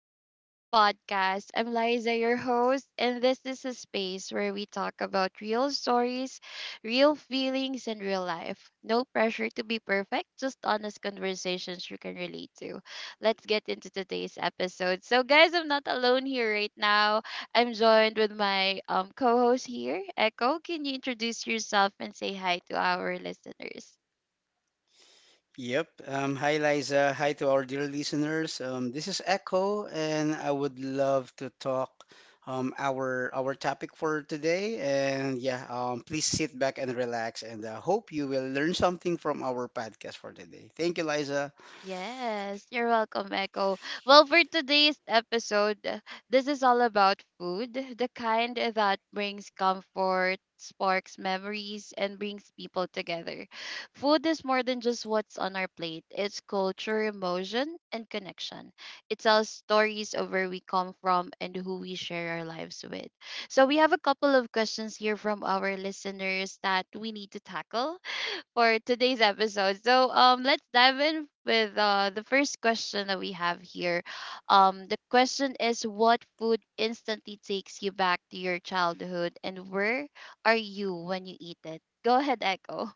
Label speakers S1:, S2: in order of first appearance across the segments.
S1: and welcome to the podcast. I'm Liza, your host, and this is a space where we talk about real stories, real feelings, and real life. No pressure to be perfect, just honest conversations you can relate to. Let's get into today's episode. So, guys, I'm not alone here right now. I'm joined with my co host here, Echo. Can you introduce yourself and say hi to our listeners?
S2: Yep. Hi, Liza. Hi to our dear listeners. This is Echo, and I would love to talk our topic for today. And yeah, please sit back and relax, and hope you will learn something from our podcast for today. Thank you, Liza.
S1: Yes, you're welcome, Echo. Well, for today's episode, this is all about food, the kind that brings comfort, sparks memories, and brings people together. Food is more than just what's on our plate, it's culture, emotion, and connection. It tells stories of where we come from and who we share our lives with. So, we have a couple of questions here from our listeners that we need to tackle for today's episode. So, let's dive in with the first question that we have here. The question is, what food instantly takes you back to your childhood, and where are you when you eat it? Go ahead, Echo.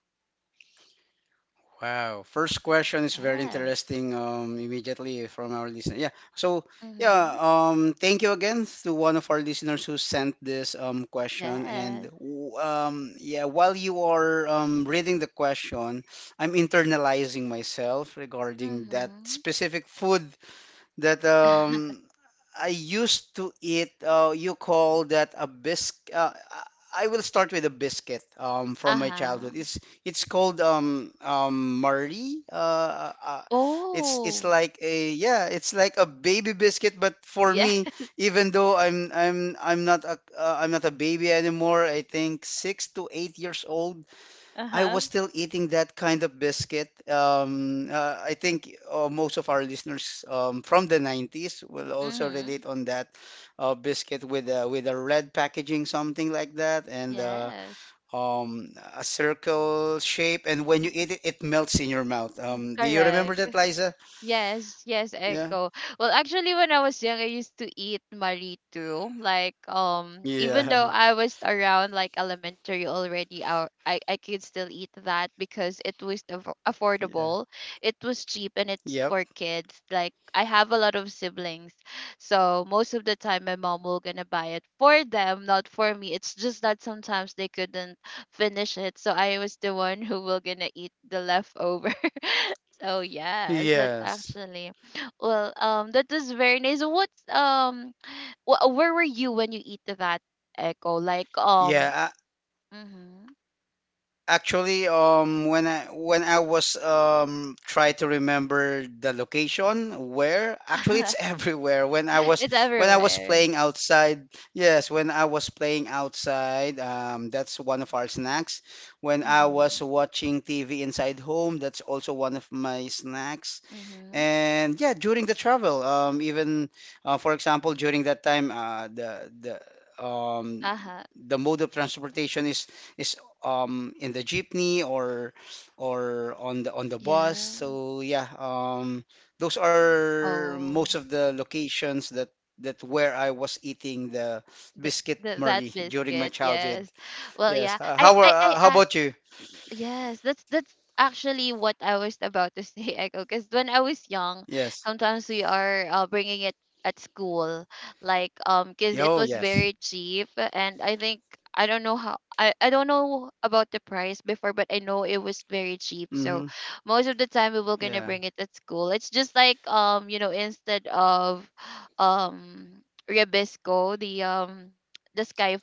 S2: Wow. First question is very
S1: Yes.
S2: interesting immediately from our listener. Yeah. So, yeah,
S1: Mm-hmm.
S2: thank you again to one of our listeners who sent this question. And
S1: Yes.
S2: yeah, while you are reading the question, I'm internalizing myself regarding that
S1: Mm-hmm.
S2: specific food that I used to eat. You call that a biscuit? I will start with a biscuit from my childhood.
S1: Uh-huh.
S2: It's called Marie.
S1: Oh.
S2: It's like a baby biscuit. But for
S1: Yeah.
S2: me, even though I'm not a baby anymore. I think 6 to 8 years old.
S1: Uh
S2: I
S1: huh.
S2: was still eating that kind of biscuit. I think most of our listeners from the 90s will also
S1: Mm-hmm.
S2: relate on that biscuit with a red packaging, something like that, and
S1: Yes.
S2: a circle shape. And when you eat it, it melts in your mouth. Do you remember
S1: Correct.
S2: that, Liza?
S1: Yes, yes,
S2: Yeah.
S1: Echo. Well, actually, when I was young, I used to eat marito. Like, even though
S2: Yeah.
S1: I was around like elementary already, I could still eat that because it was
S2: Yeah.
S1: affordable, it was cheap, and it's
S2: Yep.
S1: for kids. Like, I have a lot of siblings, so most of the time, my mom will gonna buy it for them, not for me. It's just that sometimes they couldn't finish it, so I was the one who will gonna eat the leftover. Oh yes, that's
S2: Yes.
S1: actually well. That is very nice. What's where were you when you eat that echo? Like
S2: Yeah,
S1: mhm.
S2: actually, when I was try to remember the location where actually it's everywhere. When I was
S1: It's
S2: when I was
S1: everywhere.
S2: playing outside, yes, when I was playing outside, that's one of our snacks. When I was
S1: Mhm,
S2: watching TV inside home, that's also one of my snacks.
S1: mhm.
S2: And yeah, during the travel, even for example, during that time,
S1: Uh huh.
S2: the mode of transportation is in the jeepney or on the bus.
S1: Yeah.
S2: So yeah, those are most
S1: Oh,
S2: of the locations that where I was eating the
S1: the,
S2: biscuit
S1: the that
S2: Murray during my
S1: biscuit.
S2: childhood.
S1: Yes. Well,
S2: Yes.
S1: yeah.
S2: How
S1: I
S2: about you?
S1: Yes, that's actually what I was about to say, Echo. Because when I was young,
S2: Yes.
S1: sometimes we are bringing it at school, like because it
S2: Yo,
S1: was
S2: yes.
S1: very cheap, and I think I don't know about the price before, but I know it was very cheap. So
S2: Mm-hmm.
S1: most of the time we were gonna
S2: Yeah.
S1: bring it at school. It's just like you know, instead of um Rebisco, the sky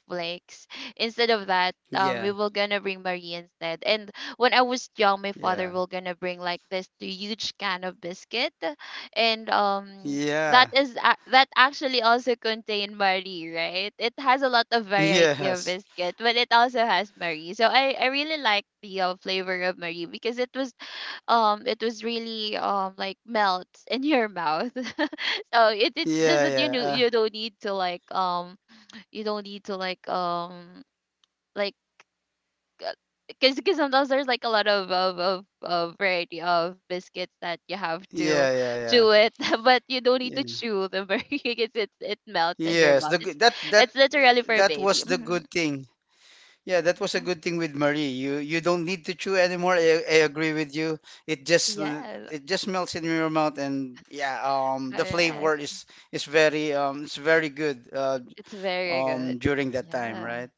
S1: instead of that we
S2: Yeah.
S1: were gonna bring marie instead. And when I was young, my father
S2: Yeah.
S1: will gonna bring like this huge can of biscuit, and that
S2: Yeah.
S1: is that actually also contain marie, right? It has a lot of variety of
S2: Yes.
S1: biscuit, but it also has marie. So i really like the flavor of marie because it was really like melts in your mouth. So, it's just
S2: Yeah,
S1: that you
S2: yeah.
S1: know you don't need to like you don't need to like because sometimes there's like a lot of variety of biscuits that you have to
S2: Yeah, yeah,
S1: chew it, but you don't need to
S2: yeah.
S1: chew them very. Because it melts
S2: Yeah.
S1: in your
S2: Yes,
S1: mouth.
S2: the g- that that
S1: It's literally for a
S2: that
S1: baby.
S2: was the
S1: Mm-hmm.
S2: good thing. Yeah, that was a
S1: Mm-hmm.
S2: good thing with Marie. You don't need to chew anymore. I agree with you. It just l-
S1: Yes,
S2: it just melts in your mouth, and yeah, the
S1: correct.
S2: flavor is very, it's very good
S1: It's very good.
S2: during that time,
S1: Yeah.
S2: right?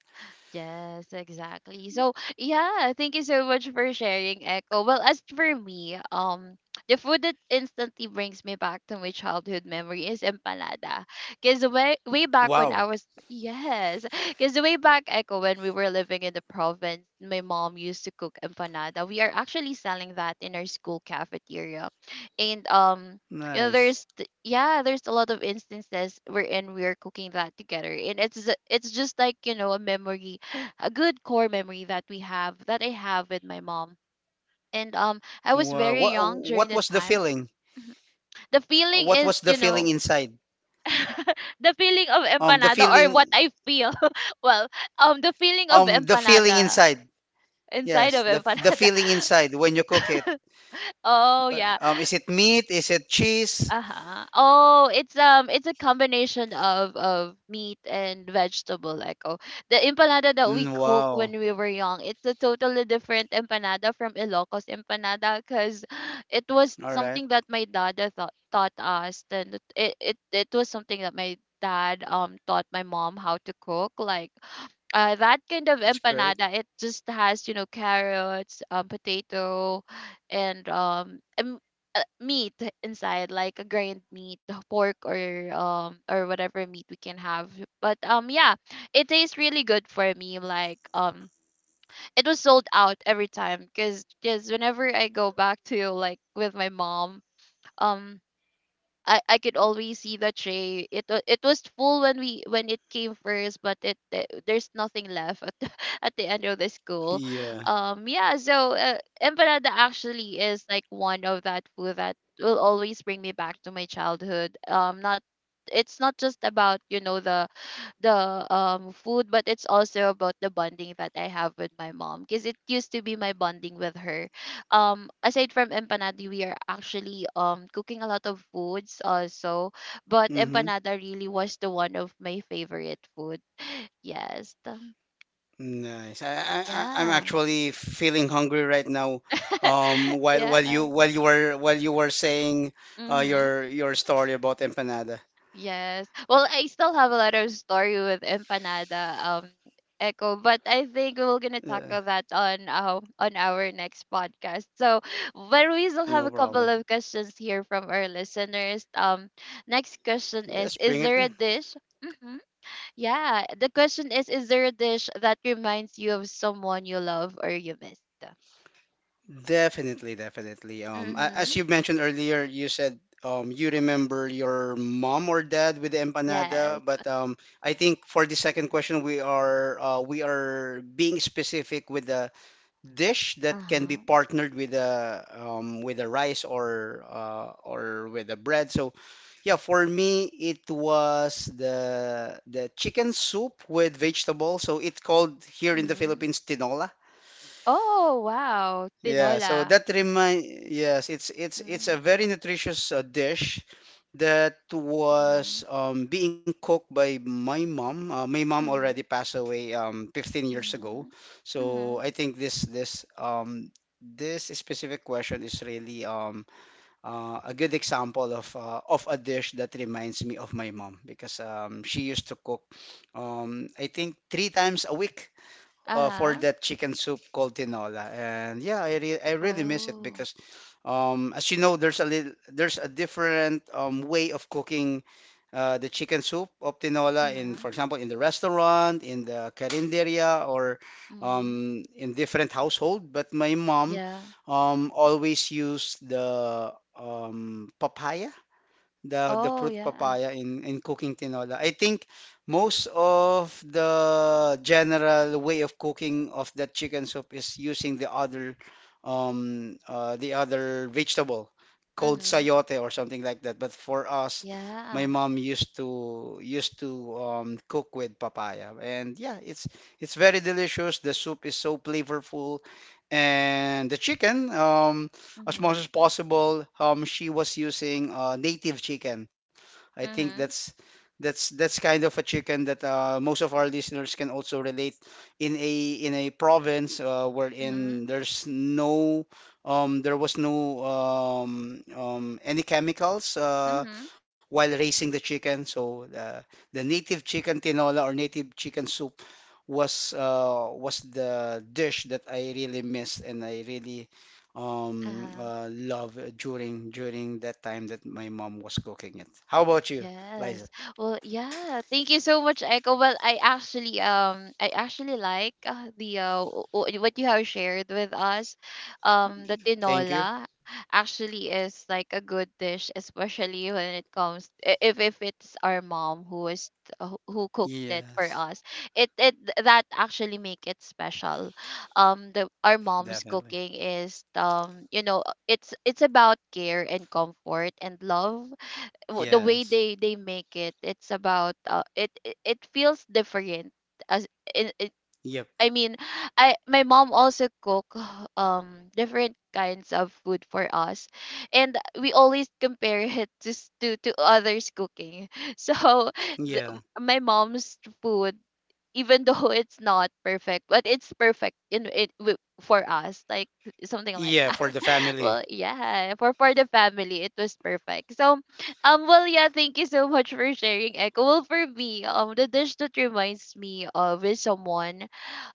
S1: Yes, exactly. So, yeah, thank you so much for sharing, Echo. Well, as for me, the food that instantly brings me back to my childhood memory is empanada. Cause way back when I
S2: Wow.
S1: was, yes, cause way back Echo, when we were living in the province, my mom used to cook empanada. We are actually selling that in our school cafeteria, and. You know,
S2: Nice.
S1: yeah, there's a lot of instances wherein we're cooking that together, and it's just like, you know, a memory, a good core memory that we have, that I have with my mom. And I was
S2: Wow.
S1: very
S2: What
S1: young during
S2: what
S1: the
S2: was the
S1: time.
S2: feeling?
S1: The feeling
S2: What
S1: is,
S2: was the
S1: you know,
S2: feeling inside?
S1: the feeling of
S2: The
S1: empanada, or what
S2: feeling.
S1: I feel. Well, the feeling of
S2: The feeling
S1: empanada,
S2: inside.
S1: inside
S2: Yes,
S1: of
S2: the
S1: empanada.
S2: feeling inside when you cook it.
S1: Oh yeah.
S2: Is it meat? Is it cheese?
S1: Uh-huh. Oh, it's a combination of meat and vegetable, like oh. The empanada that we
S2: Mm,
S1: cook
S2: wow.
S1: when we were young, it's a totally different empanada from Ilocos empanada, cuz it was
S2: All right.
S1: something that my dad thought taught us. And it was something that my dad taught my mom how to cook, like that kind of
S2: That's great.
S1: empanada. It just has, you know, carrots, potato, and meat inside, like a grained meat, the pork or or whatever meat we can have. But yeah, it tastes really good for me. Like it was sold out every time, because whenever I go back to like with my mom, um, I could always see the tray. It was full when we when it came first, but there's nothing left at the, at the end of the school.
S2: Yeah.
S1: Yeah, so empanada actually is like one of that food that will always bring me back to my childhood. Not it's not just about you know the food, but it's also about the bonding that I have with my mom, because it used to be my bonding with her. Aside from empanada, we are actually cooking a lot of foods also, but
S2: Mm-hmm.
S1: empanada really was the one of my favorite food. Yes, the-
S2: Nice. I'm
S1: yeah,
S2: actually feeling hungry right now.
S1: yeah,
S2: While you were saying
S1: mhm.
S2: your story about empanada.
S1: Yes. Well, I still have a lot of story with empanada, Echo, but I think we're gonna
S2: Yeah,
S1: tackle that on our next podcast. So, but we still have a
S2: no
S1: couple
S2: problem.
S1: of questions here from our listeners. Next question
S2: Yes,
S1: is
S2: bring it
S1: there a
S2: in.
S1: dish? Hmm. Yeah. The question is there a dish that reminds you of someone you love or you missed?
S2: Definitely, definitely. As
S1: Mm-hmm.
S2: you mentioned earlier, you said you remember your mom or dad with the empanada,
S1: Yes.
S2: but I think for the second question, we are being specific with a dish
S1: Uh
S2: that can be
S1: huh.
S2: partnered with a rice or with a bread. So, yeah, for me, it was the chicken soup with vegetables. So it's called here in the
S1: Mm-hmm.
S2: Philippines tinola.
S1: Oh wow,
S2: Yeah, so
S1: tinola.
S2: it's a very nutritious dish that was
S1: Mm-hmm.
S2: being cooked by my mom. My mom already
S1: Mhm,
S2: passed away 15 years
S1: mhm,
S2: ago. So
S1: mhm.
S2: I think this specific question is really a good example of a dish that reminds me of my mom because she used to cook I think 3 times a week for
S1: Uh-huh.
S2: that chicken soup called tinola. And yeah, I really miss it
S1: Oh.
S2: because as you know, there's a different way of cooking the chicken soup of tinola for
S1: Mhm,
S2: example, in the restaurant, in the carinderia, or
S1: mhm.
S2: in different household. But my mom
S1: Yeah.
S2: always used the papaya, the
S1: Oh,
S2: fruit
S1: yeah.
S2: papaya in cooking tinola. I think most of the general way of cooking of that chicken soup is using the other vegetable called
S1: Mhm.
S2: sayote or something like that. But for us, my
S1: Yeah.
S2: mom used to cook with papaya, and yeah, it's very delicious. The soup is so flavorful, and the chicken as much
S1: Mhm,
S2: as possible, she was using native chicken. I think
S1: mhm,
S2: that's kind of a chicken that most of our listeners can also relate in a province
S1: mhm,
S2: wherein there was no any chemicals
S1: mhm.
S2: while raising the chicken. So the native chicken tinola or native chicken soup was the dish that I really missed and I really
S1: Uh-huh.
S2: love during that time that my mom was cooking it. How about you, Liza?
S1: Yes. Well, yeah. Thank you so much, Echo. Well, I actually like what you have shared with us. The
S2: Thank you.
S1: tinola actually is like a good dish, especially when it comes if it's our mom who is who cooked it for
S2: Yes,
S1: us. It that actually make it special. The our mom's
S2: definitely.
S1: cooking is you know it's about care and comfort and love. The way
S2: Yes.
S1: they make it, it's about it feels different as it, it
S2: Yep.
S1: I mean, I my mom also cook different kinds of food for us, and we always compare it to others cooking. So the,
S2: Yeah.
S1: my mom's food, even though it's not perfect, but it's perfect in for us, like something like
S2: Yeah,
S1: that.
S2: for the family.
S1: Well, yeah, for the family, it was perfect. So, well, yeah, thank you so much for sharing, Echo. Well, for me, the dish that reminds me of is someone,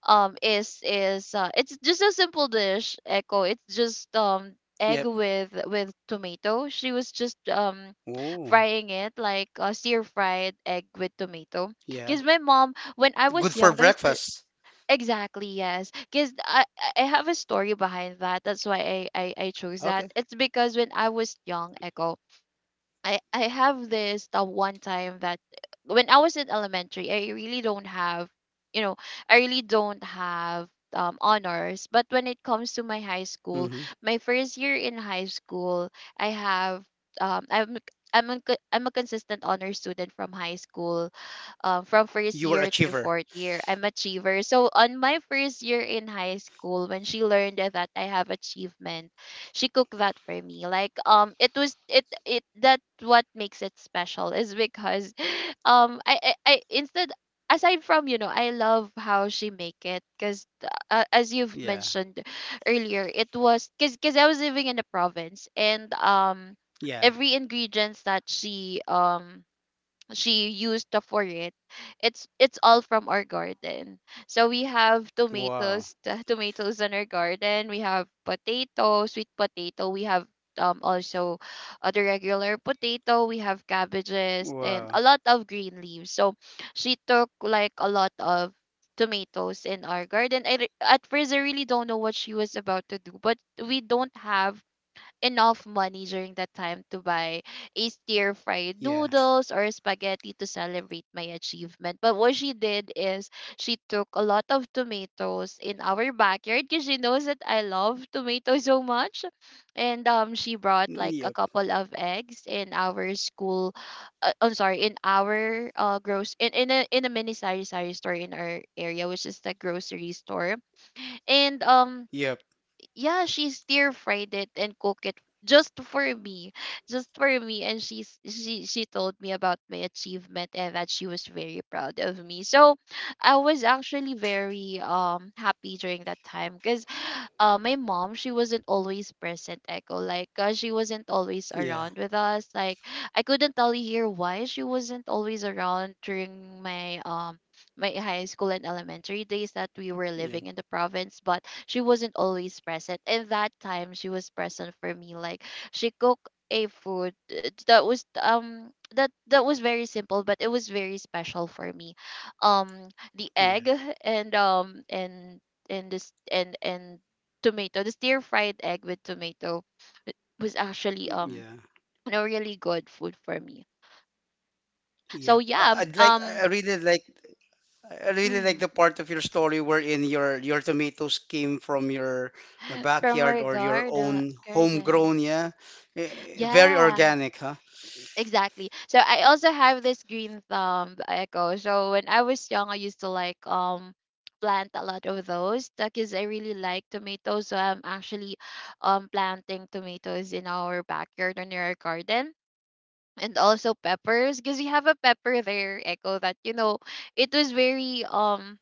S1: is it's just a simple dish, Echo. It's just egg
S2: Yep.
S1: with tomato. She was just
S2: Oh,
S1: frying it like stir fried egg with tomato.
S2: yeah.
S1: Cause my mom, when I
S2: Good
S1: was
S2: for
S1: young, there's
S2: breakfast.
S1: exactly, yes. Because I have a story behind that. That's why I chose that.
S2: Okay.
S1: It's because when I was young, Echo, I have this, the one time that when I was in elementary, I really don't have, you know, I really don't have honors. But when it comes to my high school,
S2: Mm-hmm.
S1: my first year in high school, I have um I'm I'm a consistent honor student from high school, from first
S2: You were a
S1: year to
S2: achiever.
S1: fourth year. I'm achiever. So on my first year in high school, when she learned that I have achievement, she cooked that for me, like it was it it that what makes it special is because, I instead, aside from, you know, I love how she make it, because as you've
S2: Yeah.
S1: mentioned earlier, it was because I was living in the province, and
S2: Yeah.
S1: every ingredients that she used up for it, it's all from our garden. So we have
S2: Wow.
S1: tomatoes, tomatoes in our garden, we have potato, sweet potato, we have also the regular potato, we have cabbages and a
S2: Wow.
S1: lot of green leaves. So she took like a lot of tomatoes in our garden. I, at first I really don't know what she was about to do, but we don't have enough money during that time to buy a stir fried
S2: Yeah.
S1: noodles or spaghetti to celebrate my achievement. But what she did is she took a lot of tomatoes in our backyard because she knows that I love tomatoes so much. And she brought like a
S2: Yep.
S1: couple of eggs in our school I'm sorry, in our gross in a mini sari sari store in our area, which is the grocery store. And um
S2: Yep.
S1: yeah, she stir fried it and cook it just for me, just for me. And she told me about my achievement and that she was very proud of me. So I was actually very happy during that time because my mom, she wasn't always present, Echo. Like she wasn't always
S2: Yeah.
S1: around with us, like I couldn't tell you here why she wasn't always around during my my high school and elementary days that we were living
S2: Yeah.
S1: in the province, but she wasn't always present. And that time she was present for me. Like she cooked a food that was that was very simple but it was very special for me. um the
S2: Yeah.
S1: egg and um and and this and tomato, the stir fried egg with tomato. It was actually
S2: Yeah,
S1: you know really good food for me, so
S2: Yep.
S1: yeah.
S2: I'd like. I I really like. I really like the
S1: Mm-hmm.
S2: part of your story wherein your tomatoes came from your
S1: From
S2: backyard
S1: our
S2: or your
S1: garden.
S2: own
S1: Garden,
S2: homegrown. Yeah, Eh, very
S1: yeah,
S2: organic, huh?
S1: exactly. So I also have this green thumb, Echo. So when I was young, I used to plant a lot of those because I really like tomatoes. So I'm actually planting tomatoes in our backyard or near our garden, and also peppers because we have a pepper there, Echo, that you know it was very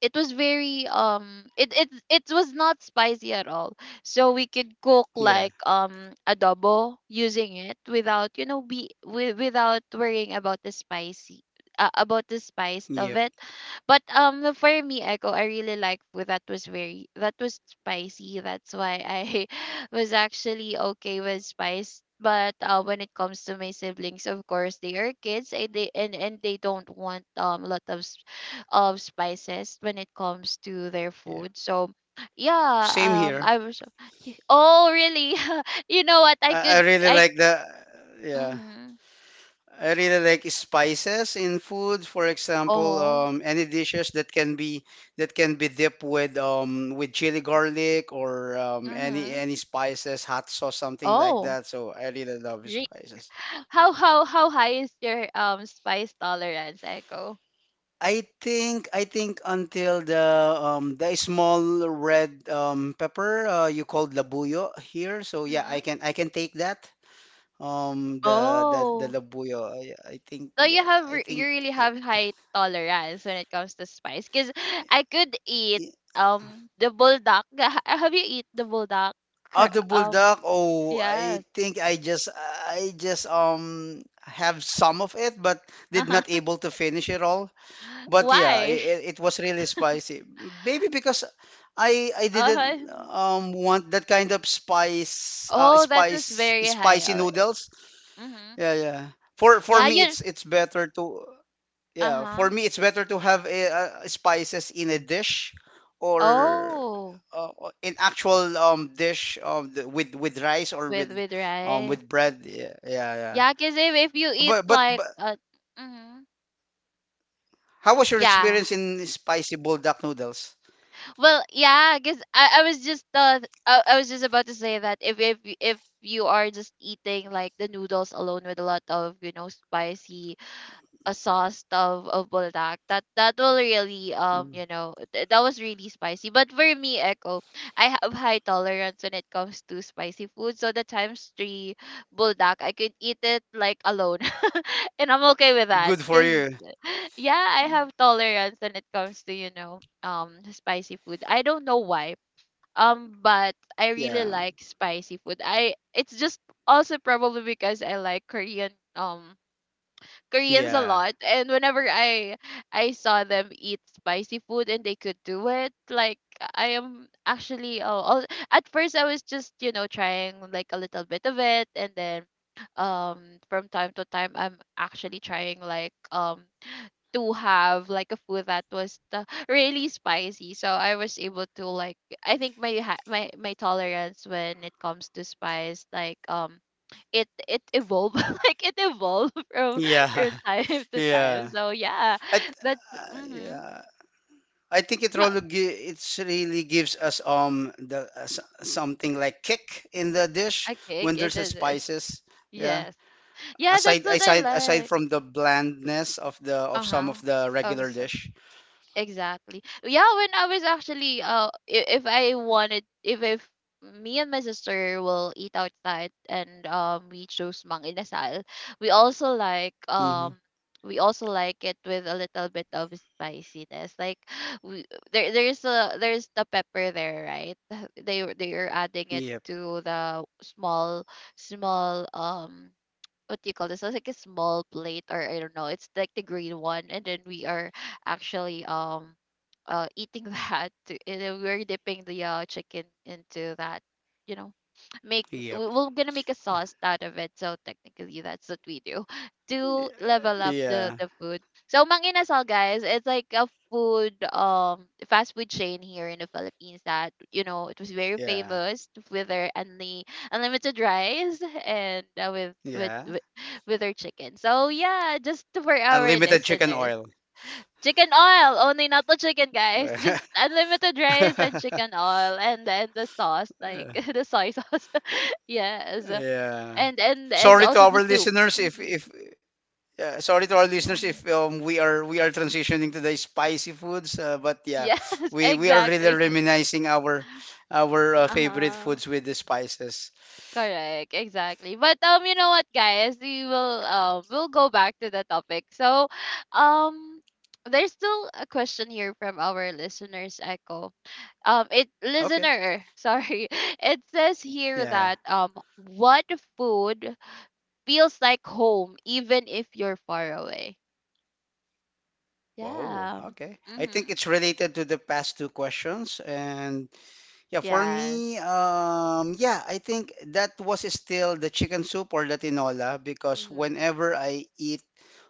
S1: it was very it was not spicy at all. So we could cook
S2: Yeah.
S1: like adobo using it without you know without worrying about the spicy, about the spice of
S2: Yep.
S1: it. But for me, Echo, I really that was very, that was spicy. That's why I was actually okay with spice. But when it comes to my siblings, of course they are kids, and they don't want lot of spices when it comes to their
S2: Yep.
S1: food. So
S2: Same
S1: yeah.
S2: here.
S1: I was oh really? You know what? I
S2: I
S1: could
S2: really
S1: I.
S2: like the. Yeah.
S1: Mhm.
S2: I really like spices in food. For example,
S1: Oh.
S2: any dishes that can be dipped with chili garlic or any
S1: Mhm.
S2: any spices, hot sauce, something like
S1: Oh.
S2: that. So I really love
S1: Really?
S2: spices.
S1: How high is your spice tolerance, Echo?
S2: I think until the small red pepper you called labuyo here. So yeah, I
S1: Mhm.
S2: can I can take that. The
S1: Oh.
S2: labuyo. I think,
S1: So you
S2: yeah, I
S1: you
S2: think.
S1: really have high tolerance when it comes to spice, cuz I could eat the bulldog. Have you eat the bulldog? Cur-
S2: Audible
S1: Um
S2: Duck. Oh, I
S1: Yes.
S2: think I just have some of it, but did not
S1: Uh-huh.
S2: able to finish it all. But yeah,
S1: Why?
S2: it was really spicy. Maybe because I didn't
S1: Uh-huh.
S2: want that kind of spice
S1: Oh, that was
S2: spice
S1: very high
S2: spicy
S1: alert.
S2: noodles.
S1: Mm-hmm.
S2: Yeah, yeah. For
S1: Yeah,
S2: me,
S1: you
S2: it's better to. Yeah, for
S1: uh-huh.
S2: me, it's better to have spices in a dish or
S1: Oh,
S2: in actual dish with rice or
S1: with rice.
S2: with bread. Yeah, yeah, yeah.
S1: Yeah, cause if you eat
S2: But but
S1: like
S2: but
S1: mm-hmm.
S2: how was your
S1: Yeah.
S2: experience in spicy buldak noodles?
S1: Well, yeah, cause I was just I was just about to say that if you are just eating like the noodles alone with a lot of, you know, spicy a sauce of buldak, that that will really
S2: Mm.
S1: you know that was really spicy. But for me, Echo, I have high tolerance when it comes to spicy food, so the times three buldak, I could eat it like alone. And I'm okay with that
S2: Good for
S1: because
S2: you.
S1: yeah, I have tolerance when it comes to you know spicy food. I don't know why. But I really
S2: Yeah,
S1: like spicy food. I it's just also probably because I like Korean Koreans a
S2: yeah,
S1: lot, and whenever I saw them eat spicy food and they could do it like I am actually oh, at first I was just you know trying like a little bit of it. And then from time to time, I'm actually trying like to have like a food that was the, really spicy. So I was able to like, I think my my tolerance when it comes to spice like it, it evolved. Like it evolved
S2: yeah,
S1: from time to time,
S2: yeah.
S1: so yeah,
S2: I, th-
S1: that's mm-hmm.
S2: yeah. I think
S1: No,
S2: it's really gives us the something like kick in the dish
S1: okay
S2: when
S1: okay,
S2: there's a
S1: that is
S2: spices. Yeah.
S1: yes, yeah, that's
S2: Aside
S1: what I
S2: aside aside
S1: like
S2: from the blandness of the of some
S1: uh-huh
S2: of the
S1: oh
S2: regular
S1: so
S2: dish.
S1: exactly. Yeah, when I was actually if I wanted, if me and my sister will eat outside, and we chose Mang Inasal, we also like
S2: Hmm.
S1: um we also like it with a little bit of spiciness. Like we there's the pepper there, right? They are adding it
S2: Yep.
S1: to the small small what do you call this? It's like a small plate, or I don't know. It's like the green one, and then we are actually, eating that, and then we're dipping the chicken into that. You know,
S2: Yep.
S1: we're gonna make a sauce out of it. So technically, that's what we do
S2: Y-
S1: to level up
S2: Yeah.
S1: the food. So Mang guys, it's like a food fast food chain here in the Philippines that you know it was very
S2: Yeah.
S1: famous with their only unlimited rice and uh, with, with
S2: Yeah.
S1: with with our chicken. So yeah, just for our
S2: Unlimited chicken
S1: listeners,
S2: oil.
S1: chicken oil only, not the chicken, guys. Just unlimited rice and chicken oil, and then the sauce, like the soy sauce. Yes,
S2: Yeah.
S1: and
S2: Sorry to
S1: also the
S2: our
S1: soup.
S2: listeners if
S1: Hmm.
S2: if Yeah, sorry to our
S1: Yeah.
S2: listeners if we are transitioning to the spicy foods, but yeah,
S1: Yes,
S2: we are really
S1: exactly.
S2: reminiscing our
S1: Uh
S2: favorite
S1: huh.
S2: foods with the spices.
S1: Correct, exactly. But you know what, guys, we will we'll go back to the topic. So, um, there's still a question here from our listeners, Echo. It
S2: Okay.
S1: listener, sorry, it says here
S2: Yeah.
S1: that what food feels like home even if you're far away?
S2: Oh,
S1: Yeah.
S2: okay. I think
S1: Mhm.
S2: it's related to the past two questions, and yeah, for
S1: Yes.
S2: me, yeah, I think that was still the chicken soup or the tinola because
S1: Mhm.
S2: whenever I eat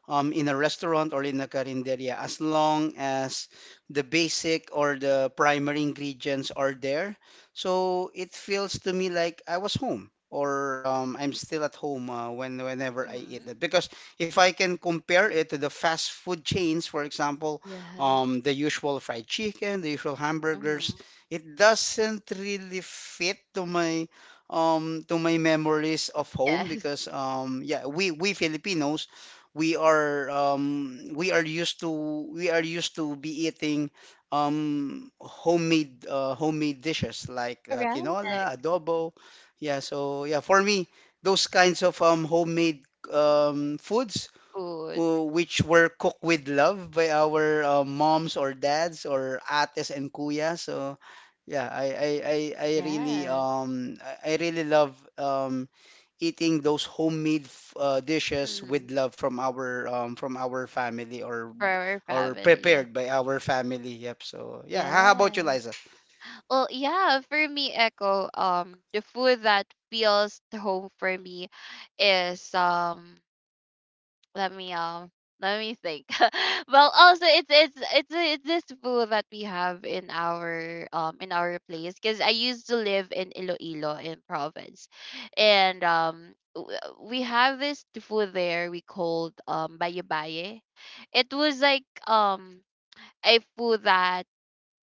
S2: in a restaurant or in a carinderia as long as the basic or the primary ingredients are there. So it feels to me like I was home or I'm still at home whenever I eat
S1: Mhm.
S2: it. Because if I can compare it to the fast food chains, for example,
S1: Yes.
S2: the usual fried chicken, the usual hamburgers,
S1: Mhm.
S2: it doesn't really fit to my memories of home
S1: Yes.
S2: because yeah, we Filipinos, we are we are used to be eating homemade dishes like tinola,
S1: Correct.
S2: adobo. Yeah, so yeah, for me, those kinds of homemade foods
S1: Food.
S2: who which were cooked with love by our moms or dads or ates and kuya. So yeah, I really
S1: Yes.
S2: um I really love eating those homemade dishes with
S1: Mm,
S2: love from our family
S1: for our
S2: or
S1: family.
S2: prepared by our family. Yep. So yeah, how about you,
S1: Yes.
S2: Liza?
S1: Well, yeah, for me, Echo, the food that feels to home for me is let me um let me think. Well, also it's this food that we have in our place, because I used to live in Iloilo in province, and we have this food there we called baye baye. It was like um a food that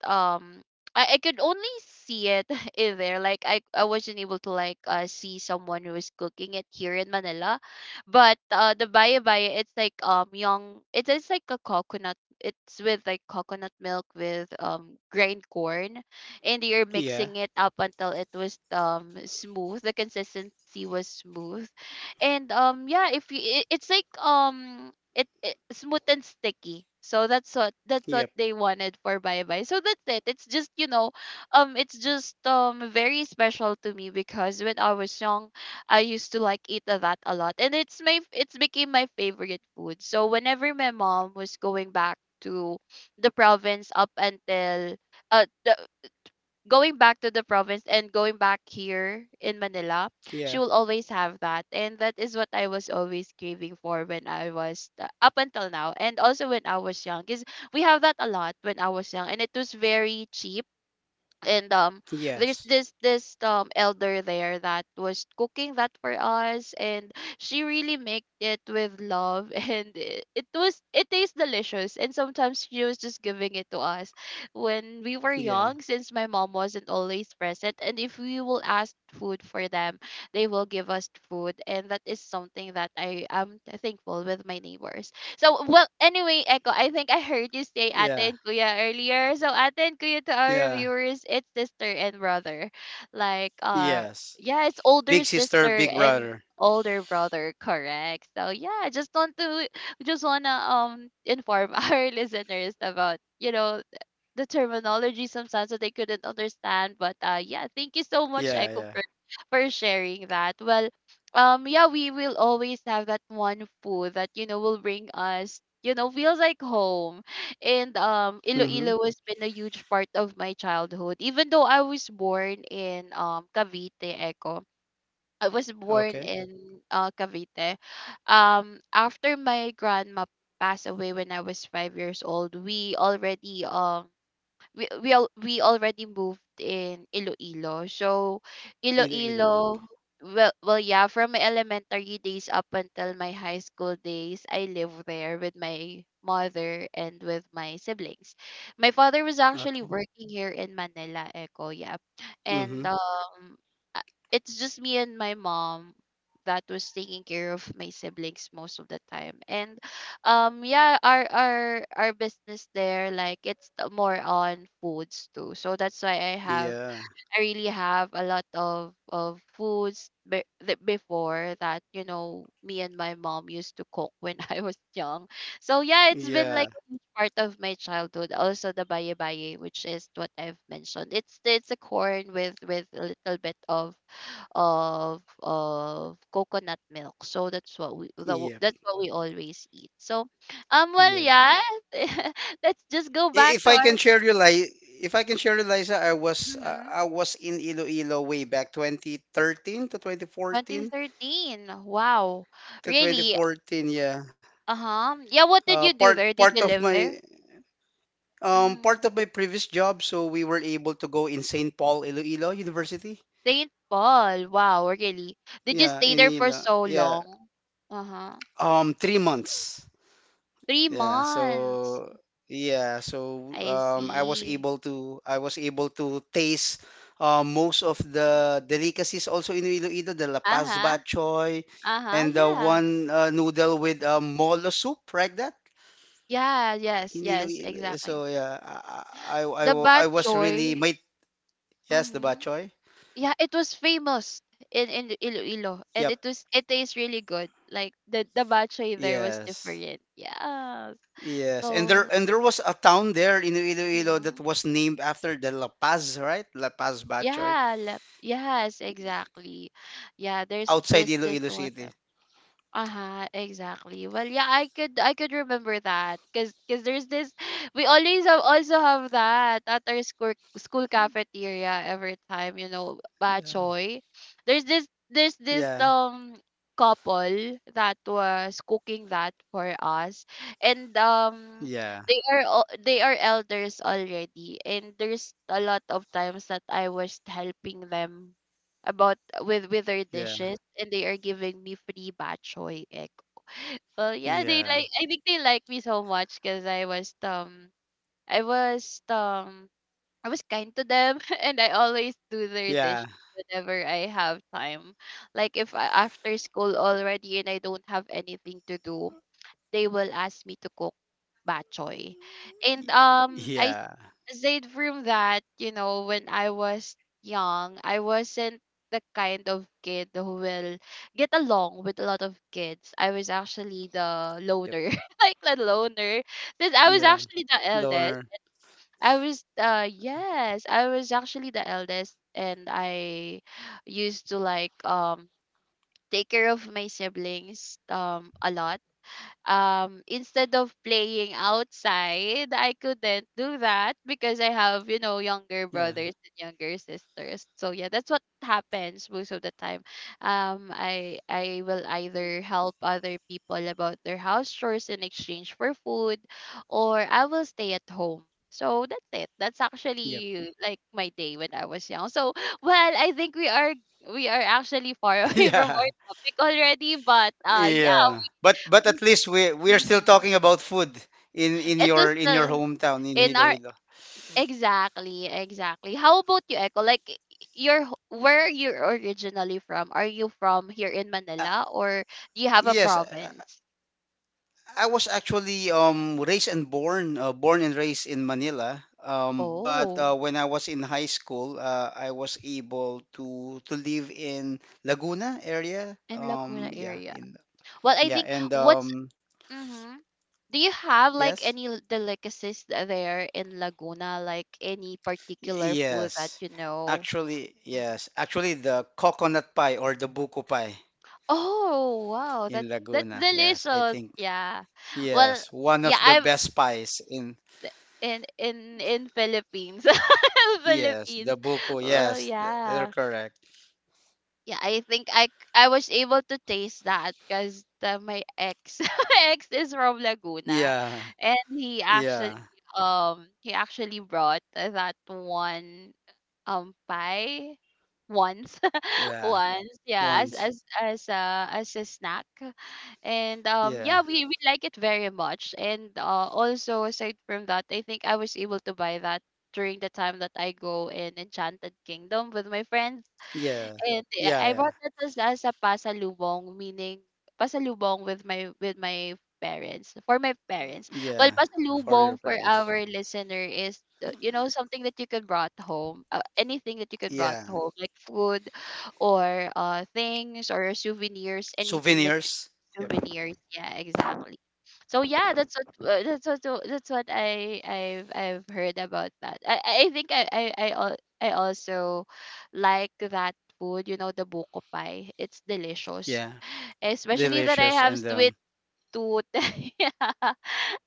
S1: um I could only see it in there. Like I wasn't able to like see someone who was cooking it here in Manila. But the baya baya, it's like young it's like a coconut. It's with like coconut milk with grained corn, and you're
S2: Yeah.
S1: mixing it up until it was smooth. The consistency was smooth. And yeah, if you it, it's like it, it smooth and sticky. So that's what
S2: Yep.
S1: they wanted for bye bye. So that's it. It's just you know, it's just very special to me because when I was young, I used to that a lot, and it's my it's became my favorite food. So whenever my mom was going back to the province up until uh the, going back to the province and going back here in Manila, she
S2: Yeah.
S1: will always have that. And that is what I was always craving for when I was up until now. And also when I was young, because we have that a lot when I was young. And it was very cheap and there's
S2: Yes.
S1: this elder there that was cooking that for us, and she really made it with love. And it was it tastes delicious, and sometimes she was just giving it to us when we were
S2: Yeah.
S1: young, since my mom wasn't always present. And if we will ask food for them, they will give us food, and that is something that I am thankful with my neighbors. So, well, anyway, Echo, I think I heard you say ate
S2: Yeah.
S1: and kuya earlier. So, ate and kuya to our
S2: Yeah.
S1: viewers, it's sister and brother. Like,
S2: Yes.
S1: yeah, it's
S2: Big
S1: older
S2: sister,
S1: sister
S2: big
S1: and
S2: brother.
S1: older brother, correct? So, yeah, just want to, just wanna inform our listeners about, you know, the terminology sometimes that they couldn't understand. But yeah, thank you so much, Echo,
S2: Yeah.
S1: for sharing that. Well, yeah, we will always have that one food that you know will bring us. You know, feels like home, and
S2: Yeah.
S1: Iloilo has been a huge part of my childhood. Even though I was born in Cavite, Echo, I was born
S2: Okay.
S1: in Cavite. After my grandma passed away when I was five years old, we already we already moved in Iloilo. So
S2: Iloilo.
S1: Iloilo well well yeah, from my elementary days up until my high school days, I lived there with my mother and with my siblings. My father was actually
S2: Okay.
S1: working here in Manila, Eco, yeah.
S2: Mm-hmm.
S1: And uh, it's just me and my mom that was taking care of my siblings most of the time. And yeah, our business there, like more on foods too, so that's why
S2: Yeah.
S1: I really have a lot of that before that me and my mom used to cook when I was young. So yeah, it's been like
S2: Yeah.
S1: a huge part of my childhood. Also the baye baye, which is what I've mentioned. It's a corn with a little bit of coconut milk. So that's what
S2: Yep.
S1: that's what we always eat. So well
S2: Yep. I-
S1: yeah, let's just go back
S2: If
S1: to
S2: I
S1: our.
S2: can share you, like, If I can share you, Liza,
S1: Mhm.
S2: I was in Iloilo way back 2013 to 2014
S1: 2013. Wow.
S2: to
S1: Really?
S2: 2014. Yeah.
S1: Uh-huh. Yeah, what did
S2: Uh,
S1: you do
S2: part
S1: there? Did
S2: part
S1: you
S2: of
S1: live
S2: my
S1: there? Mm.
S2: Part of my previous job, so we were able to go in St. Paul Iloilo University.
S1: St. Paul. Wow, really. Did you
S2: Yeah,
S1: stay
S2: in
S1: there for
S2: Ilo.
S1: so
S2: Yeah.
S1: long? Uh-huh.
S2: 3 months.
S1: Three
S2: Yeah,
S1: months.
S2: so yeah, so
S1: I
S2: um, I was
S1: see.
S2: able to taste most of the delicacies also in Iloilo, the lapas
S1: Uh-huh.
S2: bachoy,
S1: Uh-huh.
S2: and the
S1: Yeah.
S2: one noodle with molo soup, like that
S1: Yeah, yes,
S2: in
S1: yes,
S2: Iloilo.
S1: exactly.
S2: So yeah, I I, I,
S1: The
S2: wa-
S1: bad
S2: I was really
S1: choy.
S2: my. Yes, the
S1: Mm-hmm.
S2: bachoy.
S1: Yeah, it was famous in Iloilo, and
S2: Yep.
S1: it tastes really good. Like the bad choy there was
S2: Yes.
S1: different. Yes.
S2: Yes. And there
S1: So
S2: and there was a town there in Iloilo that
S1: mhm.
S2: was named after the La Paz, right? La Paz bachoy
S1: Yeah, yes, exactly. Yeah, there's
S2: outside
S1: there's this
S2: Iloilo
S1: one.
S2: City.
S1: Uh-huh, exactly. Well, yeah, I could remember that cuz there's this we always have, also have that at our school cafeteria every time, you know,
S2: Yeah,
S1: bachoy. There's this there's this
S2: yeah,
S1: um couple that was cooking that for us and
S2: yeah,
S1: they are elders already, and there's a lot of times that I was helping them about with their
S2: yeah,
S1: dishes, and they are giving me free bok choy egg. Well, yeah, they
S2: yeah,
S1: like, I think they like me so much because I was um I was kind to them and I always do their
S2: yeah,
S1: dishes whenever I have time. Like if I after school already and I don't have anything to do, they will ask me to cook bok choy. And
S2: y-
S1: I
S2: yeah,
S1: aside from that, you know, when I was young, I wasn't the kind of kid who will get along with a lot of kids. I was actually the
S2: yep,
S1: loner, like the loner, since I was
S2: yeah,
S1: actually the
S2: loner,
S1: eldest. I was yes, I was actually the eldest, and I used to like take care of my siblings a lot, instead of playing outside. I couldn't do that because I have, you know, younger
S2: yeah,
S1: brothers and younger sisters, so yeah, that's what happens most of the time. I will either help other people about their house chores in exchange for food, or I will stay at home. So that's it, that's
S2: yep,
S1: actually like my day when I was young, so well, I think we are actually far away from
S2: yeah,
S1: our topic already, but yeah.
S2: yeah. But at least we are still
S1: Mm-hmm.
S2: talking about food in in
S1: It
S2: your
S1: was
S2: in your
S1: the
S2: hometown in
S1: in our
S2: Iloilo.
S1: exactly, exactly. How about you, Echo? Like where you're originally from? Are you from here in
S2: Uh,
S1: Manila, or do you have a
S2: yes,
S1: province?
S2: I was actually raised and born born and raised in Manila. But
S1: Oh,
S2: when I was in high school, I was able to live in Laguna area.
S1: in Laguna
S2: Yeah,
S1: area.
S2: in.
S1: Well, I
S2: Yeah,
S1: think
S2: and
S1: what's mm-hmm. Do you have like
S2: yes,
S1: any delicacies there in Laguna? Like any particular food that
S2: Yes,
S1: you know?
S2: actually,
S1: Mhm.
S2: the coconut pie or the buko pie
S1: Oh wow,
S2: in
S1: that's
S2: Laguna. Yes, I
S1: delicious.
S2: think
S1: Yeah. Well,
S2: yes, one
S1: yeah,
S2: of the
S1: I'm
S2: best pies in.
S1: in Philippines.
S2: Yes,
S1: Philippines.
S2: the buko.
S1: Well,
S2: Yes, they're
S1: yeah.
S2: correct.
S1: Yeah, I think I was able to taste that because my ex my ex is from Laguna,
S2: Yeah,
S1: and
S2: yeah,
S1: he actually brought that one pie once.
S2: yeah.
S1: Once, yeah, as
S2: Once,
S1: as as uh as a snack. And yeah,
S2: yeah,
S1: we like it very much, and also aside from that, I think I was able to buy that during the time that I go in Enchanted Kingdom with my friends.
S2: yeah,
S1: And uh,
S2: yeah,
S1: i
S2: yeah,
S1: bought it as, as a pasalubong, meaning pasalubong with my parents, for my parents. Well,
S2: yeah. For
S1: pasalubong,
S2: your
S1: for
S2: parents.
S1: our listener, is you know, something that you could brought home, anything that you could brought
S2: Yeah,
S1: home, like food or things or souvenirs, anything that
S2: souvenirs. Yep.
S1: souvenirs. Yeah, exactly. So yeah, that's what I've heard about that. I think I, al- I also like that food. You know, the buko pie. It's delicious,
S2: Yeah,
S1: especially that I
S2: delicious
S1: have
S2: and
S1: sweet tooth. Yeah,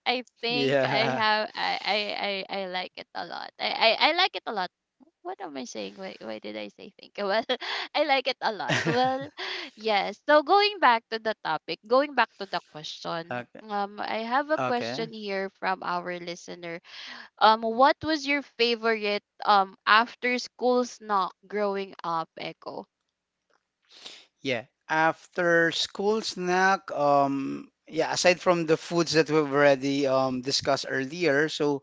S1: I think I
S2: yeah.
S1: have. I like it a lot. I like it a lot. What am I saying? Why did I say think? Well, I like it a lot. Well, yes. So going back to the topic, going back to the question.
S2: Okay.
S1: I have a
S2: Okay.
S1: question here from our listener. What was your favorite after school snack growing up, Echo?
S2: Yeah. After school snack, yeah, aside from the foods that we've already discussed earlier. So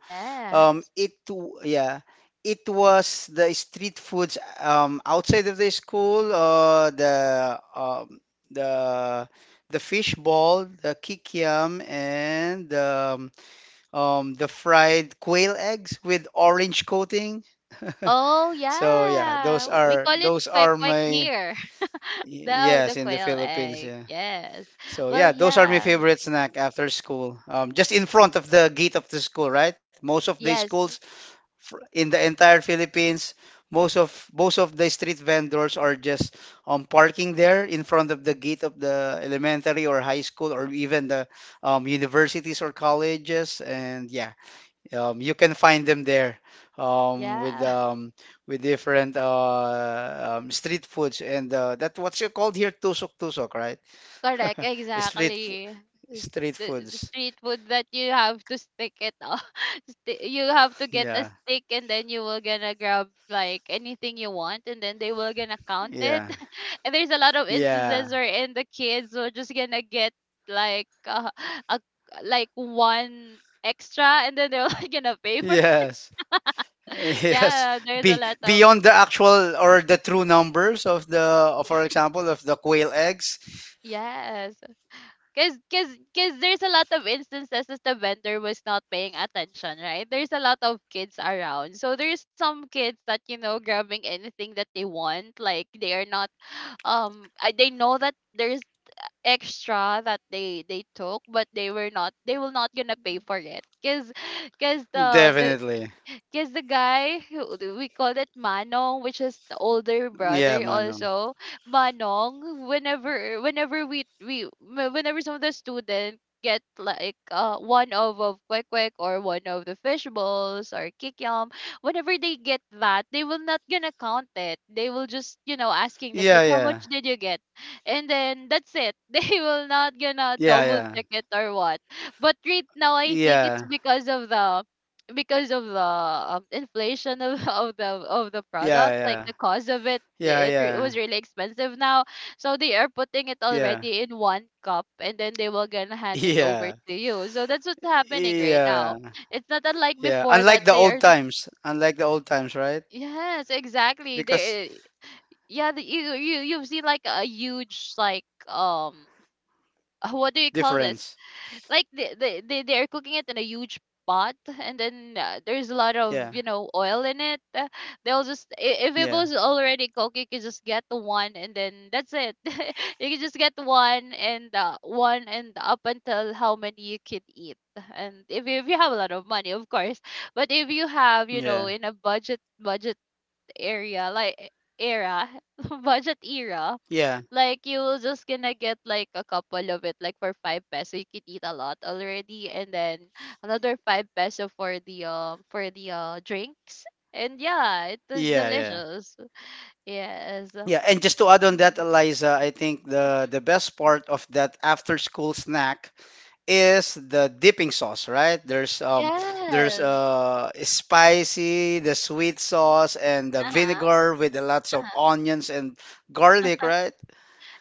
S1: Yes.
S2: yeah, it was the street foods outside of the school, the the fish ball, the kikiam, and the fried quail eggs with orange coating.
S1: Oh,
S2: So yeah, those
S1: yeah. We
S2: are
S1: call it
S2: those
S1: kwek
S2: are
S1: kwek
S2: my.
S1: here. the
S2: Yes,
S1: the
S2: in the
S1: quail
S2: Philippines,
S1: egg.
S2: yeah.
S1: Yes.
S2: So
S1: Well,
S2: yeah, those are my
S1: yeah.
S2: favorite snack after school. Just in front of the gate of the school, right? Most of the
S1: Yes.
S2: schools in the entire Philippines, most of the street vendors are just parking there in front of the gate of the elementary or high school or even the universities or colleges. And yeah, you can find them there um, with
S1: Yeah.
S2: um, with different street foods, and that what's you called here tusok tusok, right?
S1: Correct,
S2: Street fo-
S1: exactly. It's
S2: street
S1: the
S2: foods.
S1: street food that you have to stick it on. You have to get
S2: Yeah,
S1: a stick, and then you will gonna grab like anything you want, and then they will gonna count it.
S2: yeah,
S1: And there's a lot of instances
S2: yeah.
S1: where in the kids were just gonna get like a like one extra, and then they're gonna pay for it.
S2: Yes, yes.
S1: Yeah, there's a
S2: Be
S1: lot of
S2: beyond the actual or the true numbers of the, for example, of the quail eggs.
S1: yes. Cause, cause, cause there's a lot of instances that the vendor was not paying attention, right? There's a lot of kids around, so there's some kids that, you know, grabbing anything that they want, like they are not they know that there's extra that they took, but they will not gonna pay for it, cause, cause the
S2: Definitely.
S1: because the guy who we call it Manong, which is the older
S2: Yeah,
S1: brother
S2: Manong.
S1: also, Manong, whenever whenever we whenever some of the student get like one of quick quick or one of the fish balls or kikyam, whenever they get that, they will not gonna count it. They will just, you know, asking the
S2: Yeah,
S1: kids how
S2: yeah,
S1: much did you get, and then that's it. They will not gonna
S2: yeah,
S1: double
S2: yeah,
S1: check it or what, but right now I think it's
S2: yeah,
S1: because of the inflation of, of the
S2: yeah,
S1: products, like
S2: yeah,
S1: the cost of it
S2: yeah, yeah,
S1: was really expensive now, so they are putting it
S2: yeah.
S1: already in one cup, and then they will gonna hand it over
S2: Yeah.
S1: to you. So that's what's happening right now.
S2: Yeah.
S1: It's not unlike
S2: Yeah.
S1: before that
S2: Unlike the
S1: they
S2: old
S1: are just
S2: times. Unlike the old times, right?
S1: yes exactly
S2: Because
S1: they yeah you you've seen like a huge like what do you call this,
S2: difference.
S1: like they are cooking it in a huge pot, and then there's a lot of,
S2: Yeah.
S1: you know, oil in it. They'll just if it
S2: Yeah.
S1: was already cooked, you could just get the one, and then that's it. You can just get one, and up until how many you can eat. And if you have a lot of money, of course, but if you have, you know,
S2: Yeah.
S1: in a budget area, like era, budget era,
S2: Yeah.
S1: like you're just gonna get like a couple of it, like for five peso you could eat a lot already, and then another five peso for the drinks. And yeah, it is
S2: Yeah. Yeah.
S1: delicious. Yes.
S2: Yeah. And just to add on that,
S1: Mhm.
S2: Eliza, I think the best part of that after school snack is the dipping sauce, right? There's um there's
S1: Yes.
S2: uh spicy, the sweet sauce and the
S1: Uh
S2: vinegar with the lots of
S1: huh.
S2: onions and garlic, right?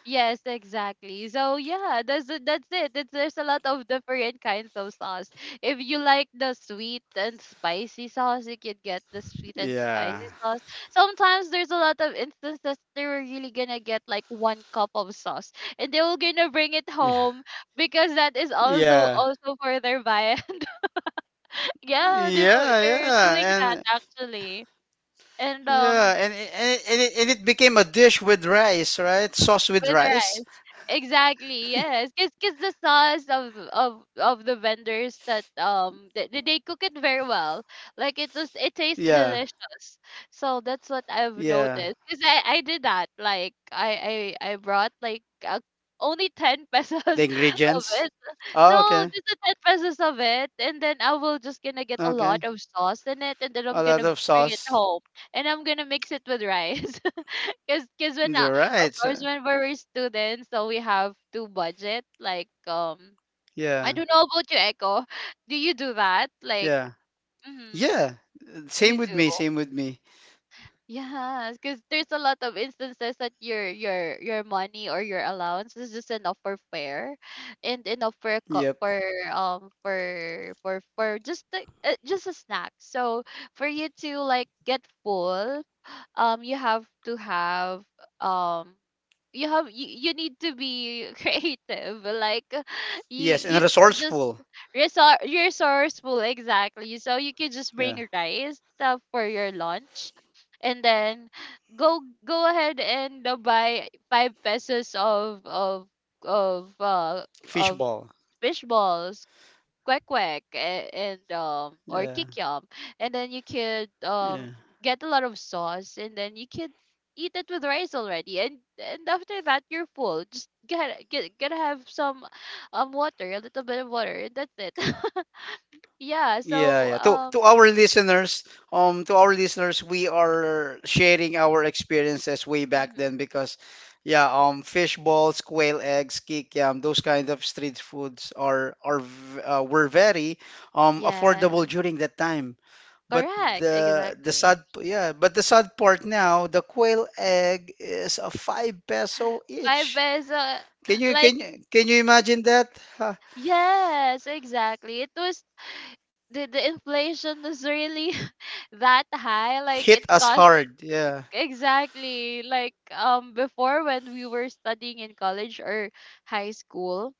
S1: Yes, exactly. So yeah, that's it. It's, there's a lot of different kinds of sauce. If you like the sweet and spicy sauce, you can get the sweet and
S2: Yeah.
S1: spicy sauce. Sometimes there's a lot of instances they're really gonna get like one cup of sauce, and they will gonna bring it
S2: Yeah.
S1: home because that is
S2: Yeah.
S1: also for their viand. Yeah,
S2: Yeah,
S1: they're doing
S2: yeah,
S1: that
S2: and
S1: actually, and
S2: yeah,
S1: um.
S2: and it became a dish with rice, right? Sauce with
S1: With
S2: rice.
S1: rice. Exactly, yes. 'Cause the sauce of the vendors that they cook it very well. Like it was, it tastes
S2: Yeah,
S1: delicious. So that's what I've
S2: yeah.
S1: noticed. Cause I did that. Like I brought like only 10 pesos
S2: The
S1: of
S2: ingredients.
S1: it,
S2: Oh,
S1: no,
S2: okay,
S1: just the 10 pesos of it, and then I will just gonna get a
S2: okay.
S1: lot of sauce in it, and then
S2: A
S1: I'm
S2: lot
S1: gonna
S2: of
S1: bring it
S2: sauce.
S1: home, and I'm gonna mix it with rice. Cause when
S2: You're
S1: of
S2: right.
S1: course when we're students, so we have to budget. Like, I
S2: Yeah,
S1: don't know about you, Echo. Do you do that? Like,
S2: yeah,
S1: mm-hmm,
S2: yeah. Same
S1: you
S2: with
S1: do.
S2: me. Same with me.
S1: Yes, because there's a lot of instances that your money or your allowance is just enough for fare, and enough for a
S2: Yep.
S1: for for just just a snack. So for you to like get full, you have to have um you need to be creative like you
S2: Yes, and
S1: you can just
S2: resourceful.
S1: resourceful. Exactly, so you can just
S2: Yeah.
S1: bring rice for your lunch and then go ahead and buy five pesos of of uh of
S2: Fishball.
S1: fish balls, quack quack, and or
S2: Yeah,
S1: kikiam, and then you could
S2: yeah.
S1: get a lot of sauce, and then you could eat it with rice already. And after that, you're full. Just get gotta have some water, a little bit of water, and that's it. Yeah,
S2: Yeah,
S1: so
S2: yeah. To our listeners, we are sharing our experiences way back
S1: hmm.
S2: then because, yeah, fish balls, quail eggs, kikiam, those kind of street foods were very affordable
S1: Yes,
S2: during that time. But
S1: correct,
S2: the the
S1: exactly.
S2: sad p- yeah, but the sad part now, the quail egg is a 5 peso
S1: Five
S2: each.
S1: peso.
S2: Can you
S1: Like
S2: can you can you imagine that? Ha,
S1: yes, exactly. It was the inflation is really that high. Like it
S2: hit us
S1: cost
S2: hard. Yeah,
S1: exactly like before, when we were studying in college or high school,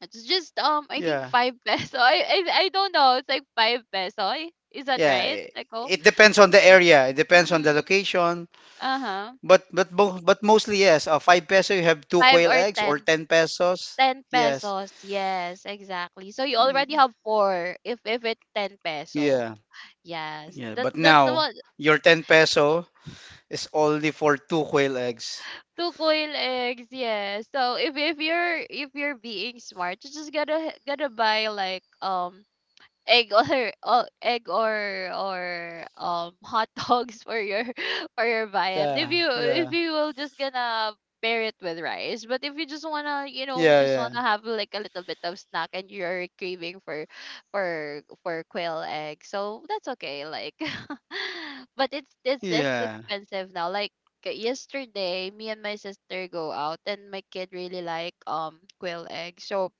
S1: it's just I think
S2: yeah.
S1: five peso. I don't know, it's like five peso. I- is that
S2: Yeah,
S1: right,
S2: it,
S1: Echo?
S2: it depends on the area. It depends on the
S1: Mm-hmm.
S2: location.
S1: Uh-huh.
S2: But mostly yes. 5 peso you have two
S1: Five
S2: quail
S1: or
S2: eggs or
S1: ten.
S2: 10 pesos.
S1: 10
S2: Yes.
S1: pesos, yes, exactly. So you
S2: Y-
S1: already have four if it's 10 peso.
S2: Yeah.
S1: Yes,
S2: Yeah.
S1: that's
S2: But
S1: that's
S2: now
S1: what.
S2: your 10 peso is only for two quail eggs.
S1: Two coil eggs, yeah. So if you're being smart, you just gotta buy like egg or egg, or hot dogs for your for your viand,
S2: Yeah.
S1: if
S2: Yeah.
S1: you will just gonna pair it with rice. But if you just wanna, you know,
S2: Yeah.
S1: just
S2: Yeah.
S1: wanna have like a little bit of snack and you're craving for quail egg, so that's okay, like. But it's
S2: Yeah.
S1: expensive now. Like yesterday me and my sister go out and my kid really like quail egg, so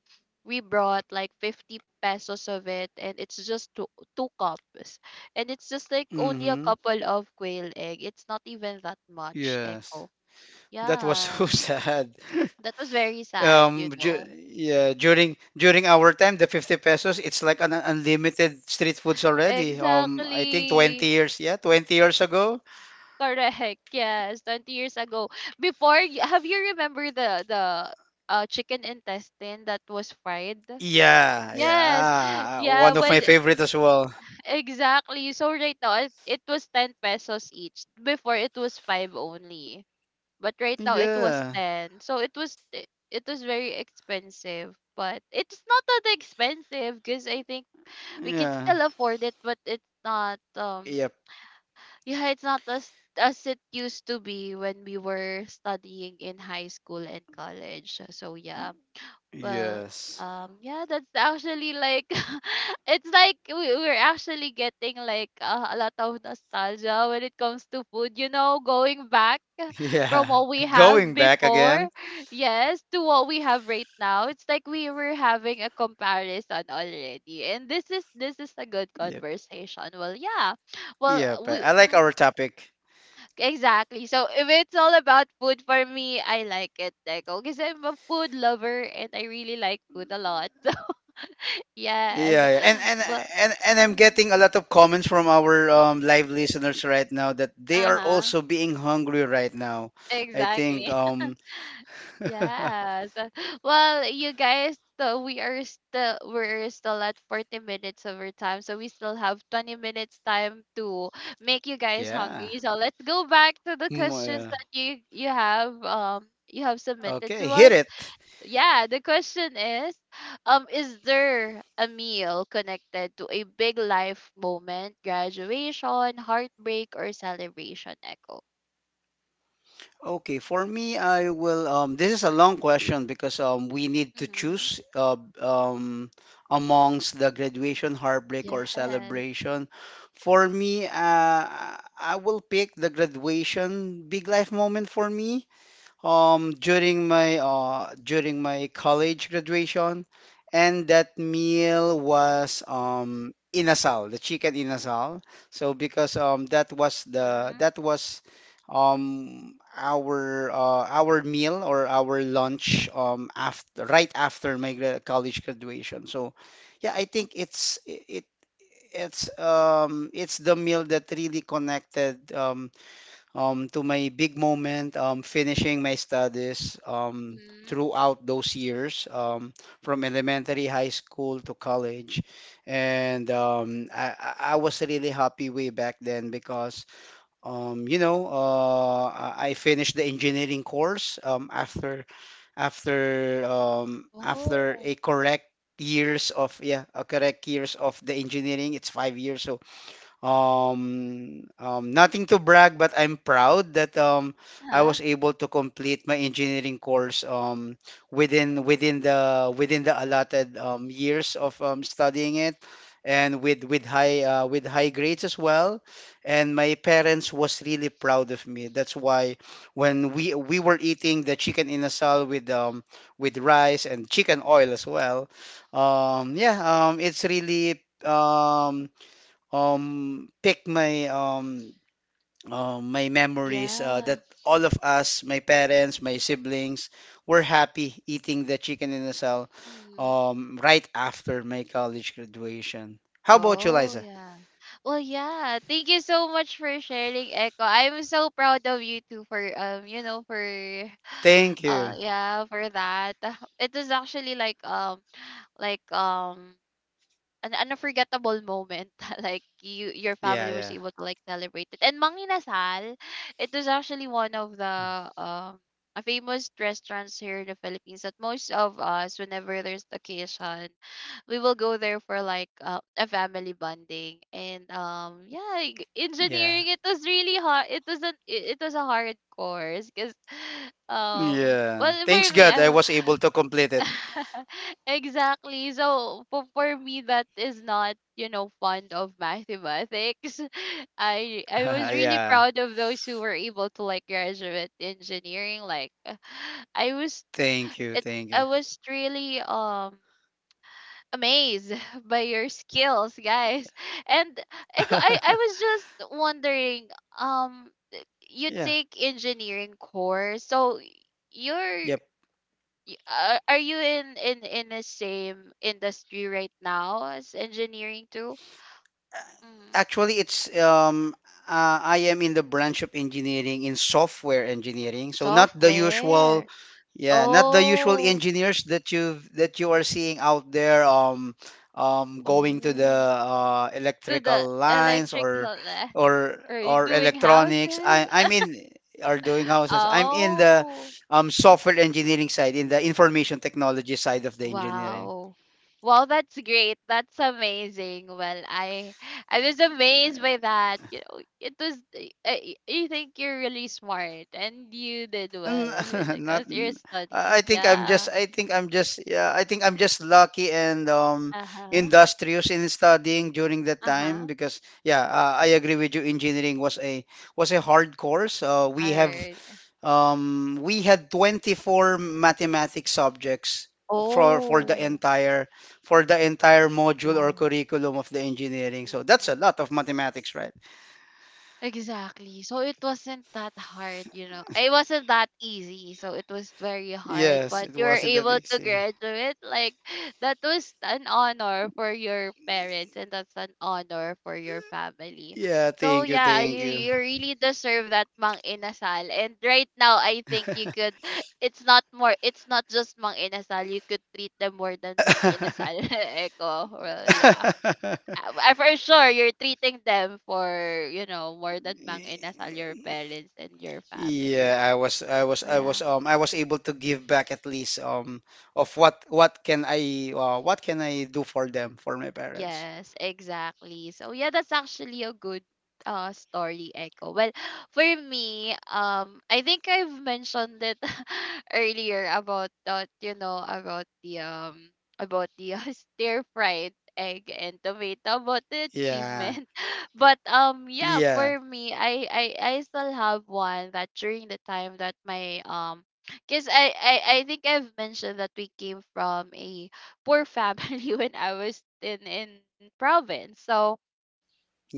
S1: we brought like 50 pesos of it, and it's just two, two cups, and it's just like only a
S2: Mm-hmm.
S1: couple of quail egg. It's not even that much,
S2: Yes.
S1: Echo.
S2: That was so
S1: Yeah,
S2: sad.
S1: that was very sad, you
S2: Ju
S1: know.
S2: yeah, during during our time, the 50 pesos, it's like an unlimited street foods already. I think 20
S1: Exactly,
S2: years, yeah, 20 years ago.
S1: correct. Yes, 20 years ago. Have you remember the chicken intestine that was fried?
S2: Yeah,
S1: Yes.
S2: yeah,
S1: Yeah,
S2: one of
S1: when
S2: my favorite as well.
S1: exactly. So right now it was 10 pesos each. Before, it was 5 only. But right now, it was
S2: Yeah,
S1: 10. So it was it, it was very expensive, but it's not that expensive because I think we can
S2: yeah,
S1: still afford it, but it's not
S2: yep,
S1: yeah, it's not as as it used to be when we were studying in high school and college. So yeah. Well,
S2: yes,
S1: yeah, that's actually like it's like we're actually getting like a lot of nostalgia when it comes to food. You know, going back from
S2: yeah.
S1: what we have
S2: Going back
S1: before,
S2: again.
S1: yes, to what we have right now. It's like we were having a comparison already, and this is a good
S2: Yep,
S1: conversation. Well, yeah, well
S2: yep. I
S1: we.
S2: I like
S1: Mm.
S2: our topic.
S1: Exactly. So if it's all about food, for me I like it, Deco, because I'm a food lover and I really like food a lot. So yes.
S2: Yeah, yeah. And and
S1: Well,
S2: and and I'm
S1: mhm.
S2: getting a lot of comments from our live listeners right now that they are
S1: Uh-huh.
S2: also being hungry right now. I think
S1: Exactly. Yes. Well, you guys, so we are still we're still at 40 minutes of our time, so we still have 20 minutes time to make you guys
S2: yeah.
S1: hungry. So let's go back to the
S2: Mm,
S1: questions
S2: yeah.
S1: that you you have submitted
S2: Okay,
S1: to
S2: hit
S1: us.
S2: it.
S1: Yeah, the question is there a meal connected to a big life moment, graduation, heartbreak, or celebration? Echo.
S2: Okay, for me I will this is a long question because we need to
S1: Mm-hmm.
S2: choose amongst the graduation, heartbreak, or
S1: Yes.
S2: celebration. For me I will pick the graduation big life moment for me, during my college graduation, and that meal was inasal, the chicken inasal. So because that was the
S1: Mm-hmm.
S2: that was our meal or our lunch after right after my college graduation. So yeah, I think it's it it's the meal that really connected, to my big moment, finishing my studies
S1: Mm-hmm.
S2: throughout those years, from elementary, high school to college. And I was really happy way back then because, I finished the engineering course, after
S1: Oh.
S2: a correct years of, yeah, a correct years of the engineering. It's 5 years. So nothing to brag, but I'm proud that I
S1: Uh-huh.
S2: was able to complete my engineering course within the allotted years of studying it, and with high grades as well. And my parents was really proud of me. That's why, when we were eating the chicken inasal with rice and chicken oil as well. Yeah, it's really pick my memories,
S1: Yeah.
S2: that all of us, my parents, my siblings, were happy eating the chicken in a cell
S1: Mm-hmm.
S2: right after my college graduation. How about you,
S1: Oh
S2: Liza?
S1: yeah. Well yeah. Thank you so much for sharing, Echo. I'm so proud of you too for you know, for
S2: Thank you.
S1: yeah, for that. It was actually like like um an unforgettable moment. Like you, your
S2: Yeah,
S1: family was
S2: yeah.
S1: able to like celebrate it and manginasal. It was actually one of the a famous restaurants here in the Philippines that most of us whenever there's occasion, we will go there for like a family bonding and yeah.
S2: Yeah.
S1: Engineering, it was really hard. It was an it, it was a hard course because
S2: Yeah.
S1: well,
S2: Thanks
S1: for me,
S2: God I
S1: I'm
S2: was able to complete it.
S1: exactly. So for me, that is not, you know, fond of mathematics. I was really
S2: Yeah.
S1: proud of those who were able to like graduate engineering. Like I was
S2: Thank you.
S1: it
S2: Thank
S1: I
S2: you.
S1: was really amazed by your skills, guys. And I was just wondering um you
S2: Yeah.
S1: take engineering course, so you're
S2: Yep.
S1: Y- are you in in the same industry right now as engineering too? Mm-hmm.
S2: Actually, it's I am in the branch of engineering in software engineering, so not the usual,
S1: Software.
S2: yeah, not the usual
S1: Oh,
S2: engineers that you are seeing out there, going to the
S1: oh. To the
S2: electrical lines or
S1: electrical, eh,
S2: or
S1: or you
S2: or
S1: doing
S2: electronics.
S1: houses?
S2: I I'm in Are doing houses. I'm in the
S1: Oh,
S2: software engineering side, in the information technology side of the engineering.
S1: wow. Well, that's great. That's amazing. Well, I was amazed by that. You know, it was I think you're really smart and you did
S2: N-
S1: well when it
S2: Not.
S1: comes to your studies.
S2: I think I'm just,
S1: Yeah.
S2: I think I'm just, Yeah, I think I'm just lucky and
S1: Uh-huh.
S2: industrious in studying during that time
S1: Uh-huh.
S2: because, yeah, I agree with you. Engineering was a hard course. Uh,
S1: All
S2: we have,
S1: right.
S2: um, we had 24 mathematics subjects for for the
S1: Oh,
S2: entire for the entire module or
S1: wow.
S2: curriculum of the engineering. So that's a lot of mathematics, right?
S1: Exactly. So it wasn't that hard, you know. It wasn't that easy. So it was very hard,
S2: Yes,
S1: but
S2: it
S1: you were
S2: wasn't that
S1: able to
S2: easy.
S1: graduate. Like that was an honor for your parents and that's an honor for your family.
S2: Yeah,
S1: So
S2: thank you,
S1: yeah,
S2: thank
S1: you
S2: you.
S1: you really deserve that Mang Inasal. And right now, I think you could it's not more, it's not just Mang Inasal. You could treat them more than Mang Inasal. Echo. Well, yeah. Ah, ah, for sure, you're treating them for, you know, more than mang inasal your parents and your family.
S2: Yeah,
S1: Wala.
S2: I was able to give back at least, of what can I do for them, for my parents?
S1: Yes, exactly. So yeah, that's actually a good story, echo. Well, for me, I think I've mentioned it earlier about that, you know, about the stir fried egg and tomato, about the
S2: Yeah,
S1: achievement. But yeah,
S2: yeah,
S1: for me, I still have one that during the time that my because I think I've mentioned that we came from a poor family. When I was in province. So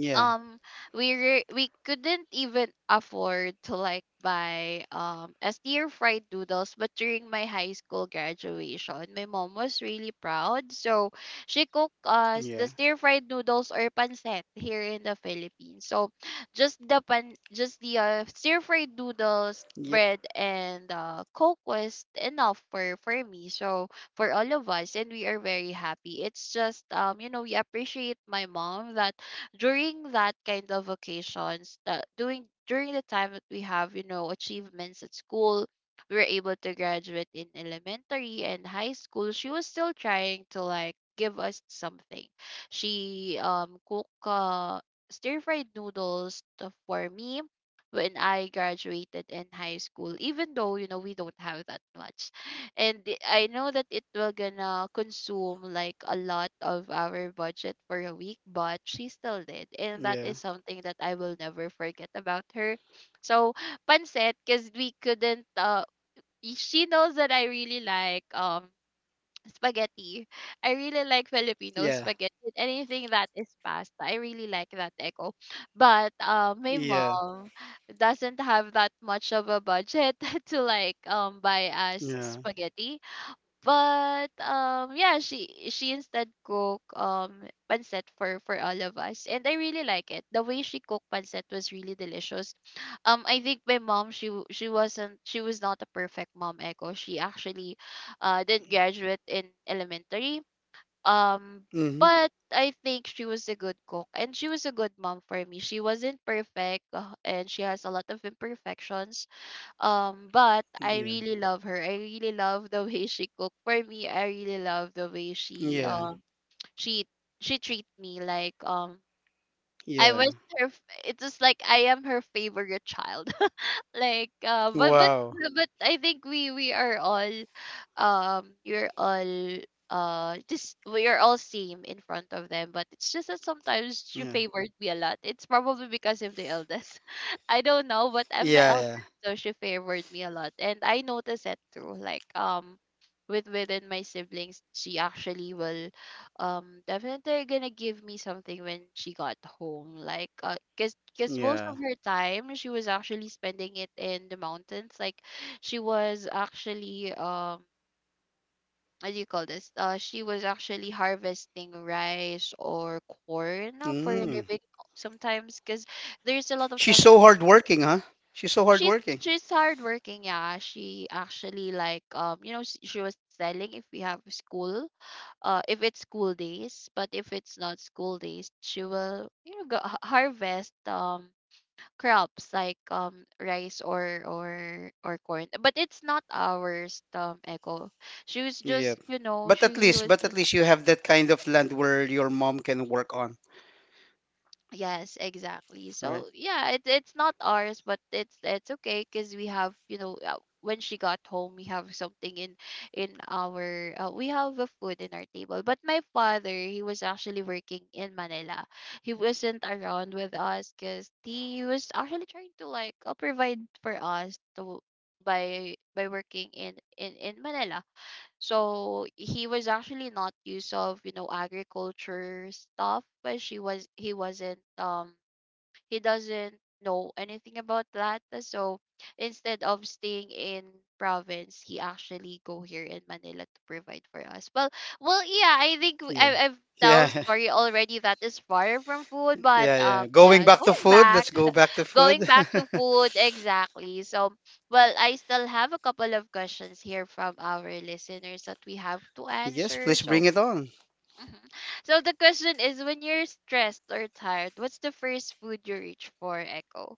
S2: yeah,
S1: um we couldn't even afford to like buy a stir fried noodles, but during my high school graduation, my mom was really proud, so she cooked us the
S2: yeah,
S1: stir fried noodles or pancit here in the Philippines. So just the stir fried noodles,
S2: yep,
S1: bread, and coke was enough for me, so for all of us. And we are very happy. It's just you know, we appreciate my mom that during that kind of occasions, that doing during the time that we have, you know, achievements at school, we were able to graduate in elementary and high school, she was still trying to like give us something. She cook stir fried noodles for me when I graduated in high school, even though you know we don't have that much. I know that it will gonna consume like a lot of our budget for a week, but she still did, and that is
S2: yeah,
S1: something that I will never forget about her. So pancit, because we couldn't. She knows that I really like spaghetti. I really like Filipino
S2: yeah,
S1: spaghetti. Anything that is pasta, I really like that, echo. But my
S2: yeah,
S1: mom doesn't have that much of a budget to like buy us
S2: yeah,
S1: spaghetti. But yeah, she instead cook pancit for all of us, and I really like it. The way she cooked pancit was really delicious. I think my mom, she wasn't she was not a perfect mom, echo. She actually didn't graduate in elementary. Um
S2: mm-hmm,
S1: but I think she was a good cook and she was a good mom for me. She wasn't perfect and she has a lot of imperfections, but I
S2: yeah,
S1: really love her. I really love the way she cook. For me, I really love the way she
S2: yeah,
S1: she she treat me like I
S2: yeah,
S1: was her. It was like I am her favorite child, like uh,
S2: wow,
S1: but I think we are all um we're all we are all same in front of them, but it's just that sometimes she
S2: yeah,
S1: favored me a lot. It's probably because I'm the eldest. I don't know, but I'm the
S2: yeah,
S1: eldest, so she favored me a lot, and I noticed that too, like with within my siblings, she actually will definitely gonna give me something when she got home, like cause
S2: yeah,
S1: most of
S2: yeah,
S1: her time she was actually spending it in the mountains. Like she was actually What do you call this, she was actually harvesting rice or corn for a
S2: mm.
S1: living. Sometimes because there's a lot of
S2: She's
S1: times
S2: so hardworking, huh? She's so
S1: she's
S2: hardworking.
S1: she's hardworking, yeah. She actually like you know, she was selling if we have school if it's school days, but if it's not school days, she will, you know, go, harvest crops like rice or or corn. But it's not ours, Echo. She was
S2: Yeah.
S1: just, you know,
S2: But at
S1: she
S2: least,
S1: was
S2: but at
S1: just
S2: least you have that kind of land where your mom can work on,
S1: yes, exactly.
S2: right?
S1: So yeah, it, it's not ours, but it's okay because we have, you know, when she got home we have something in our we have a food in our table. But my father, he was actually working in Manila. He wasn't around with us because he was actually trying to like provide for us to by working in in Manila. So he was actually not used of, you know, agriculture stuff, but she was he wasn't he doesn't know anything about that. So instead of staying in province, he actually go here in Manila to provide for us. Well, yeah, I think
S2: Yeah.
S1: I've tell
S2: Yeah.
S1: story already that is far from food, but
S2: Yeah, yeah. Going
S1: yeah,
S2: back to
S1: going
S2: food,
S1: back,
S2: let's go back to
S1: going
S2: food.
S1: back to food exactly. So, well, I still have a couple of questions here from our listeners that we have to
S2: Yes,
S1: answer.
S2: please
S1: So,
S2: bring it on.
S1: mhm. So the question is when you're stressed or tired, what's the first food you reach for, Echo?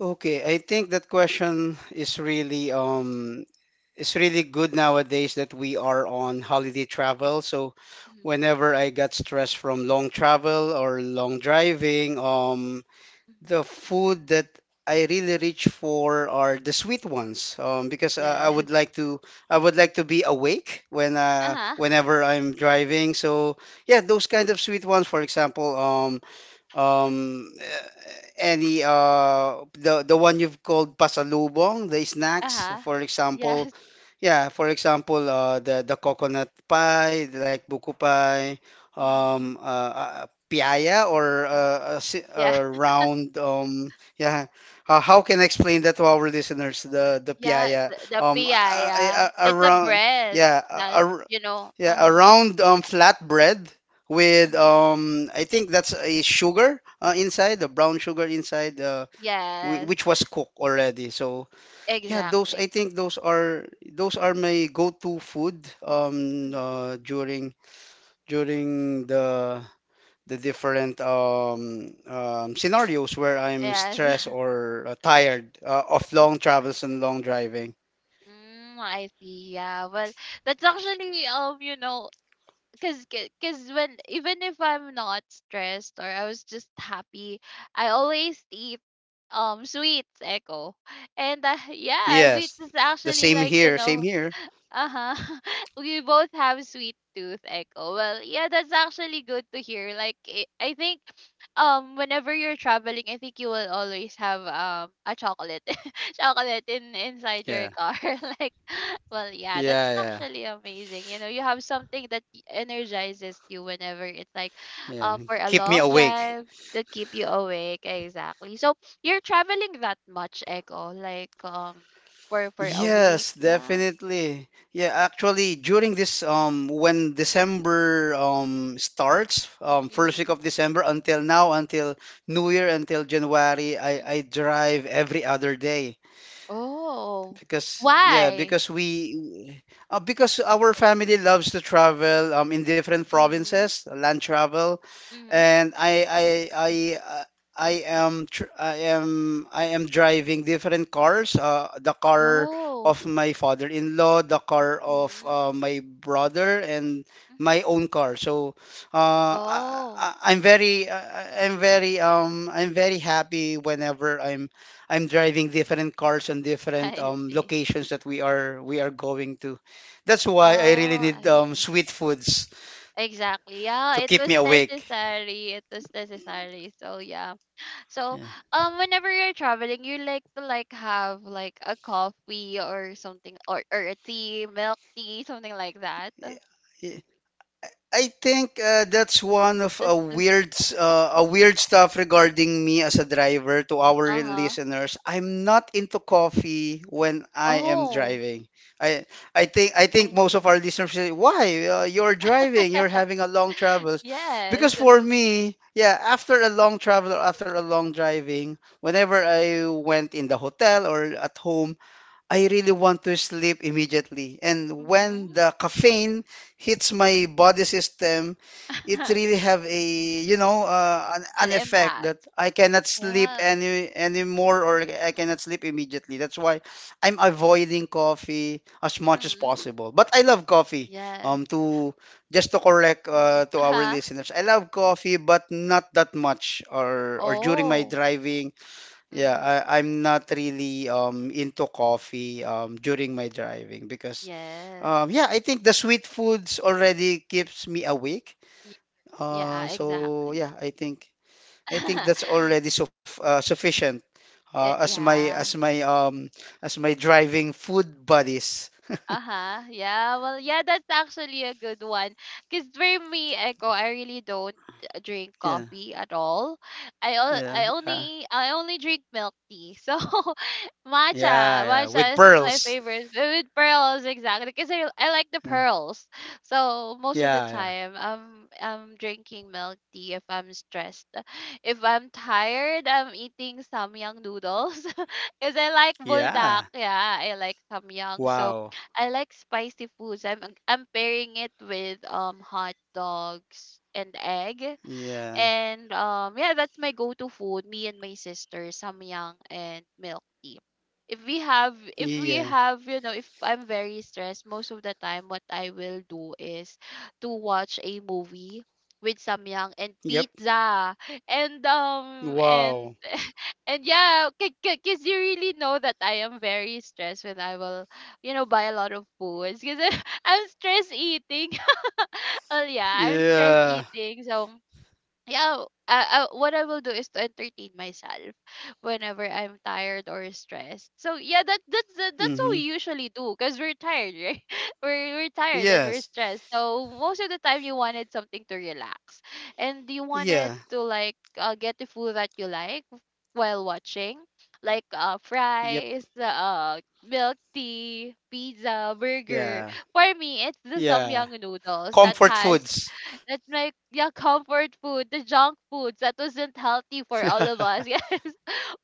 S2: Okay, I think that question is really it's really good nowadays that we are on holiday travel. So
S1: Mm-hmm.
S2: whenever I got stressed from long travel or long driving,
S1: Hmm.
S2: the food that I really reach for are the sweet ones, because I
S1: Yes.
S2: would like to be awake
S1: Uh-huh.
S2: whenever I'm driving. So yeah, those kind of sweet ones. For example, um any the one you've called pasalubong, the snacks,
S1: Uh-huh.
S2: for example,
S1: Yes.
S2: yeah, for example, the coconut pie like buko pie,
S1: Mm-hmm.
S2: piaya, or a,
S1: Yeah.
S2: a round, yeah, how can I explain that to our listeners, the
S1: Yeah.
S2: piaya,
S1: The
S2: a,
S1: piaya.
S2: a
S1: It's a
S2: round,
S1: bread
S2: yeah,
S1: that, you know.
S2: yeah, a
S1: Mm-hmm.
S2: round, flatbread with,
S1: Mm-hmm.
S2: I think that's a sugar, inside, the brown sugar inside,
S1: Yes.
S2: which was cooked already. So yeah, those I
S1: Exactly.
S2: think those are my go-to food,
S1: Mhm.
S2: during the different scenarios where I'm
S1: Yes.
S2: stressed or tired of long travels and long driving.
S1: Mm, I see. Yeah. Well, that's actually you know, cause when even if I'm not stressed or I was just happy, I always eat sweets, Echo, and yeah, sweets
S2: Yes,
S1: is
S2: the
S1: actually
S2: same
S1: like you
S2: here, same
S1: know
S2: here.
S1: uh-huh. We both have sweet tooth echo. Well, yeah, that's actually good to hear. Like I think whenever you're traveling, I think you will always have a chocolate chocolate in inside
S2: Yeah,
S1: your car. Like well, yeah,
S2: yeah,
S1: that's
S2: yeah.
S1: actually amazing. You know, you have something that energizes you whenever it's like
S2: Yeah,
S1: for a
S2: keep me
S1: long
S2: awake.
S1: drive that keep you awake. Exactly. So, you're traveling that much echo like for a week.
S2: Yes,
S1: Yeah.
S2: definitely. Yeah, actually, during this when December starts, first
S1: Mhm.
S2: week of December until now, until New Year, until January, I
S1: Mhm.
S2: I drive every other day.
S1: Oh.
S2: Because yeah,
S1: Why?
S2: because we Because our family loves to travel in different
S1: Mhm.
S2: provinces, land travel,
S1: Mhm.
S2: and I am tr I am driving different cars. The car
S1: Oh.
S2: of my father-in-law, the car of
S1: Mhm.
S2: my brother, and
S1: Mhm.
S2: my own car. So
S1: Oh,
S2: I'm very I'm very happy whenever I'm driving different cars on different
S1: I see.
S2: locations that we are going to. That's why I really
S1: Oh,
S2: need
S1: I see.
S2: sweet foods
S1: Exactly. Yeah,
S2: to
S1: it
S2: keep me
S1: was
S2: awake.
S1: necessary. It was necessary. So yeah. So
S2: Yeah.
S1: whenever you're traveling, you like to like have like a coffee or something or a tea, milk tea, something like that.
S2: Yeah. I think that's one of a
S1: Just the
S2: weird s- a weird stuff regarding me as a driver to our
S1: uh-huh.
S2: listeners. I'm not into coffee when I am
S1: Oh,
S2: driving. I I think most of
S1: really?
S2: our listeners say, "Why? You're driving, you're having a long travels."
S1: Yes.
S2: Because for me, yeah, after a long travel or after a long driving, whenever I went in the hotel or at home, I really want to sleep immediately. And when
S1: Mhm.
S2: the caffeine hits my body system, it really have a, you know,
S1: An
S2: an effect
S1: impact.
S2: that I cannot sleep
S1: Yes.
S2: anymore or I cannot sleep immediately. That's why I'm avoiding coffee as much as
S1: Mhm.
S2: possible. But I love coffee.
S1: Yes.
S2: To Just to correct to our
S1: Uh-huh.
S2: listeners, I love coffee, but not that much or during my
S1: Oh.
S2: driving, yeah,
S1: Mhm.
S2: I'm not really into coffee during my driving because
S1: Yes.
S2: yeah, I think the sweet foods already keeps me awake.
S1: Y- Yeah,
S2: So
S1: exactly.
S2: yeah, I think that's already sufficient
S1: It,
S2: as
S1: yeah.
S2: my as my driving food buddies.
S1: Uh-huh. Yeah. Well, yeah, that's actually a good one. Because for me, Echo, I really don't drink
S2: Yeah.
S1: coffee at all.
S2: Yeah.
S1: I only I only drink milk tea. So
S2: Yeah,
S1: matcha,
S2: with
S1: matcha is my
S2: pearls.
S1: favorite with pearls exactly because I like the
S2: Yeah.
S1: pearls. So most of the
S2: Yeah, yeah.
S1: time, I'm drinking milk tea if I'm stressed. If I'm tired, I'm eating samyang noodles because I like buldak.
S2: Yeah.
S1: Yeah, I like samyang. So
S2: Wow.
S1: I like spicy foods. I'm pairing it with hot dogs and egg.
S2: Yeah.
S1: And yeah, that's my go-to food. Me and my sister, samyang and milk tea. If we have if we
S2: Yeah.
S1: have, you know, if I'm very stressed, most of the time what I will do is to watch a movie with samyang and
S2: Yep.
S1: pizza. And um and
S2: Wow.
S1: and yeah, because you really know that I am very stressed when I will, you know, buy a lot of foods because I'm stress eating. Well, yeah, I'm stress
S2: Yeah.
S1: eating. So yeah, what I will do is to entertain myself whenever I'm tired or stressed. So yeah, that's what we
S2: Mm-hmm.
S1: usually do because we're tired, right? We're tired and we're
S2: Yes.
S1: stressed. So most of the time, you wanted something to relax, and you wanted
S2: Yeah.
S1: to like get the food that you like while watching, like
S2: Yep.
S1: fries, milk tea, pizza, burger.
S2: Yeah.
S1: For me, it's the
S2: Yeah.
S1: samyang noodles that
S2: Comfort
S1: has
S2: foods.
S1: that's my yeah, comfort food, the junk foods that wasn't healthy for all of us. Yeah.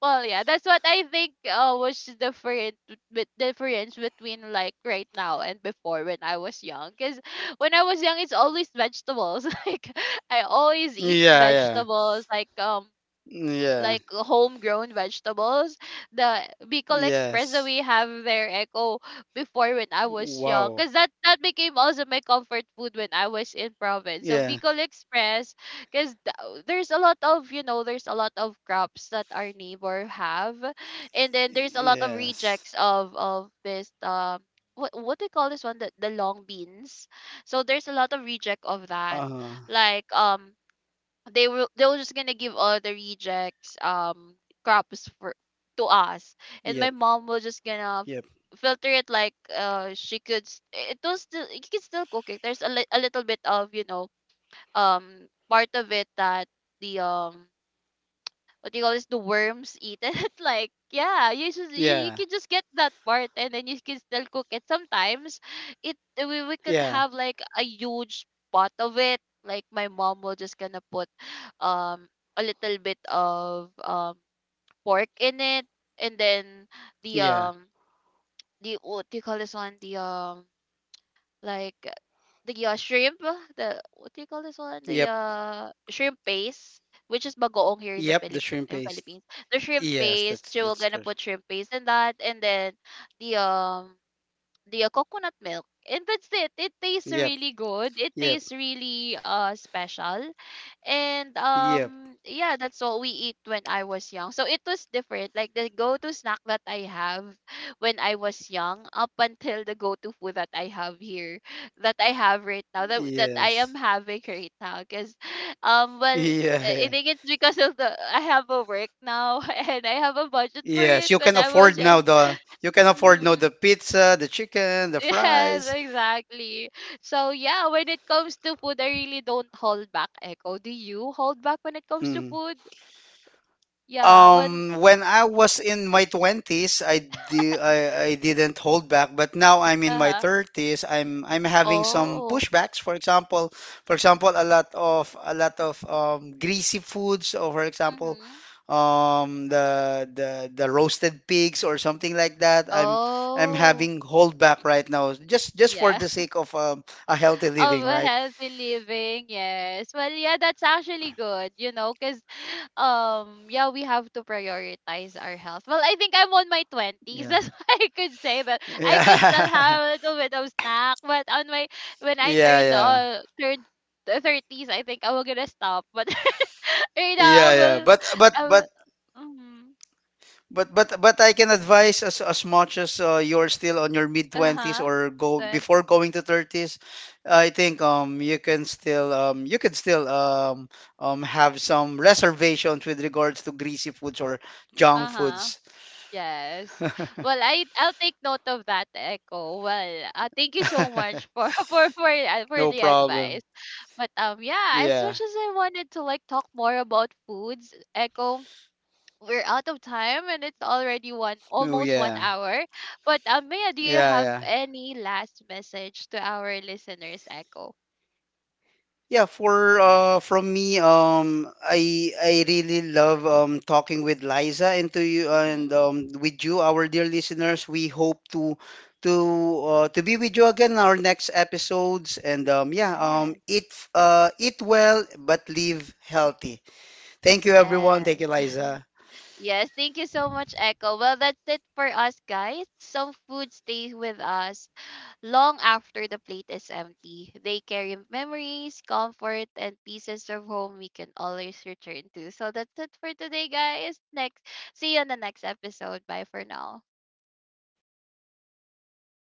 S1: Well, yeah, that's what I think was the different with difference between like right now and before when I was young. Cause when I was young, it's always vegetables. Like I always eat
S2: Yeah. Yeah.
S1: vegetables.
S2: Yeah.
S1: Like homegrown vegetables. The Bicol Express that
S2: Yes.
S1: we have there, Echo, before when I was young,
S2: Wow.
S1: because that became also my comfort food when I was in province. So
S2: Yeah.
S1: Bicol Express, because there's a lot of you know there's a lot of crops that our neighbor have, and then there's a lot of
S2: Yes.
S1: rejects of this. What do you call this one the long beans so there's a lot of reject of that
S2: Uh,
S1: like they were just gonna give all the rejects crops for to us and my
S2: yep.
S1: mom was just gonna
S2: Yep.
S1: filter it like it was still you can still cook it there's a little bit of you know part of it that the what do you call this the worms eat it like yeah you
S2: Yeah.
S1: can just get that part and then you can still cook it sometimes it we could
S2: Yeah.
S1: have like a huge pot of it like my mom will just gonna put um a little bit of pork in it and then the
S2: Yeah.
S1: um the what do you call this one the like the shrimp, the what do you call this one? The
S2: Yep.
S1: shrimp paste, which is bagoong here in the
S2: Yep. The
S1: Philippines.
S2: shrimp
S1: In
S2: paste.
S1: Philippines, the shrimp
S2: Yes,
S1: paste. She will
S2: that's
S1: gonna
S2: good.
S1: put shrimp paste in that, and then the um the coconut milk and that's it it tastes
S2: Yep.
S1: really good it
S2: Yep.
S1: tastes really special and
S2: Yep.
S1: yeah that's what we eat when I was young so it was different like the go-to snack that I have when I was young up until the go-to food that I have here that I have right now that I
S2: Yes.
S1: am having right now because well
S2: Yeah.
S1: I
S2: Yeah.
S1: think it's because of the I have a work now and I have a budget for
S2: Yes, you
S1: it
S2: can
S1: when I
S2: afford
S1: was
S2: now
S1: young.
S2: the you can afford now the
S1: Mm-hmm.
S2: pizza, the chicken, the
S1: Yes,
S2: fries.
S1: exactly. So yeah, when it comes to food, I really don't hold back, Echo. Do you hold back when it comes to
S2: Mm.
S1: food? Yeah, when
S2: When I was in my 20s, I didn't hold back, but now I'm in my
S1: uh-huh.
S2: 30s, I'm having some
S1: Oh.
S2: pushbacks. For example, a lot of greasy foods, or for example,
S1: Mm-hmm.
S2: the roasted pigs or something like that. I'm
S1: Oh.
S2: having hold back right now, just for
S1: Yeah.
S2: the sake of a healthy
S1: Of
S2: living,
S1: a
S2: right?
S1: healthy living yes well yeah that's actually good you know because yeah we have to prioritize our health well I think I'm on my 20s
S2: Yeah.
S1: that's what I could say but I can still
S2: Yeah.
S1: have a little bit of snack but on my when I
S2: Yeah,
S1: turned
S2: yeah.
S1: the 30s I think I will gonna stop but right now i
S2: Yeah, yeah.
S1: will I will mm,
S2: But I can advise as much as you're still on your mid twenties
S1: uh-huh
S2: or go
S1: then
S2: before going to thirties, I think you can still have some reservations with regards to greasy foods or junk
S1: uh-huh
S2: foods.
S1: Yes. Well, I'll take note of that, Echo. Well, thank you so much for for
S2: No
S1: the
S2: problem.
S1: advice. But yeah, as
S2: Yeah.
S1: much as I wanted to like talk more about foods, Echo, we're out of time and it's already one
S2: Oh
S1: almost one
S2: yeah.
S1: hour. But Maya, do you
S2: Yeah,
S1: have
S2: yeah.
S1: any last message to our listeners, Echo?
S2: Yeah, for from me, I really love talking with Liza and to you
S1: Mm-hmm.
S2: and with you, our dear listeners. We hope to to to be with you again in our next episodes. And yeah,
S1: Yes.
S2: eat eat well but live healthy. Thank you, everyone. Thank you,
S1: Yes.
S2: Liza.
S1: Yes, thank you so much, Echo. Well, that's it for us, guys. Some food stays with us long after the plate is empty. They carry memories, comfort, and pieces of home we can always return to. So that's it for today, guys. Next, see you on the next episode. Bye for now.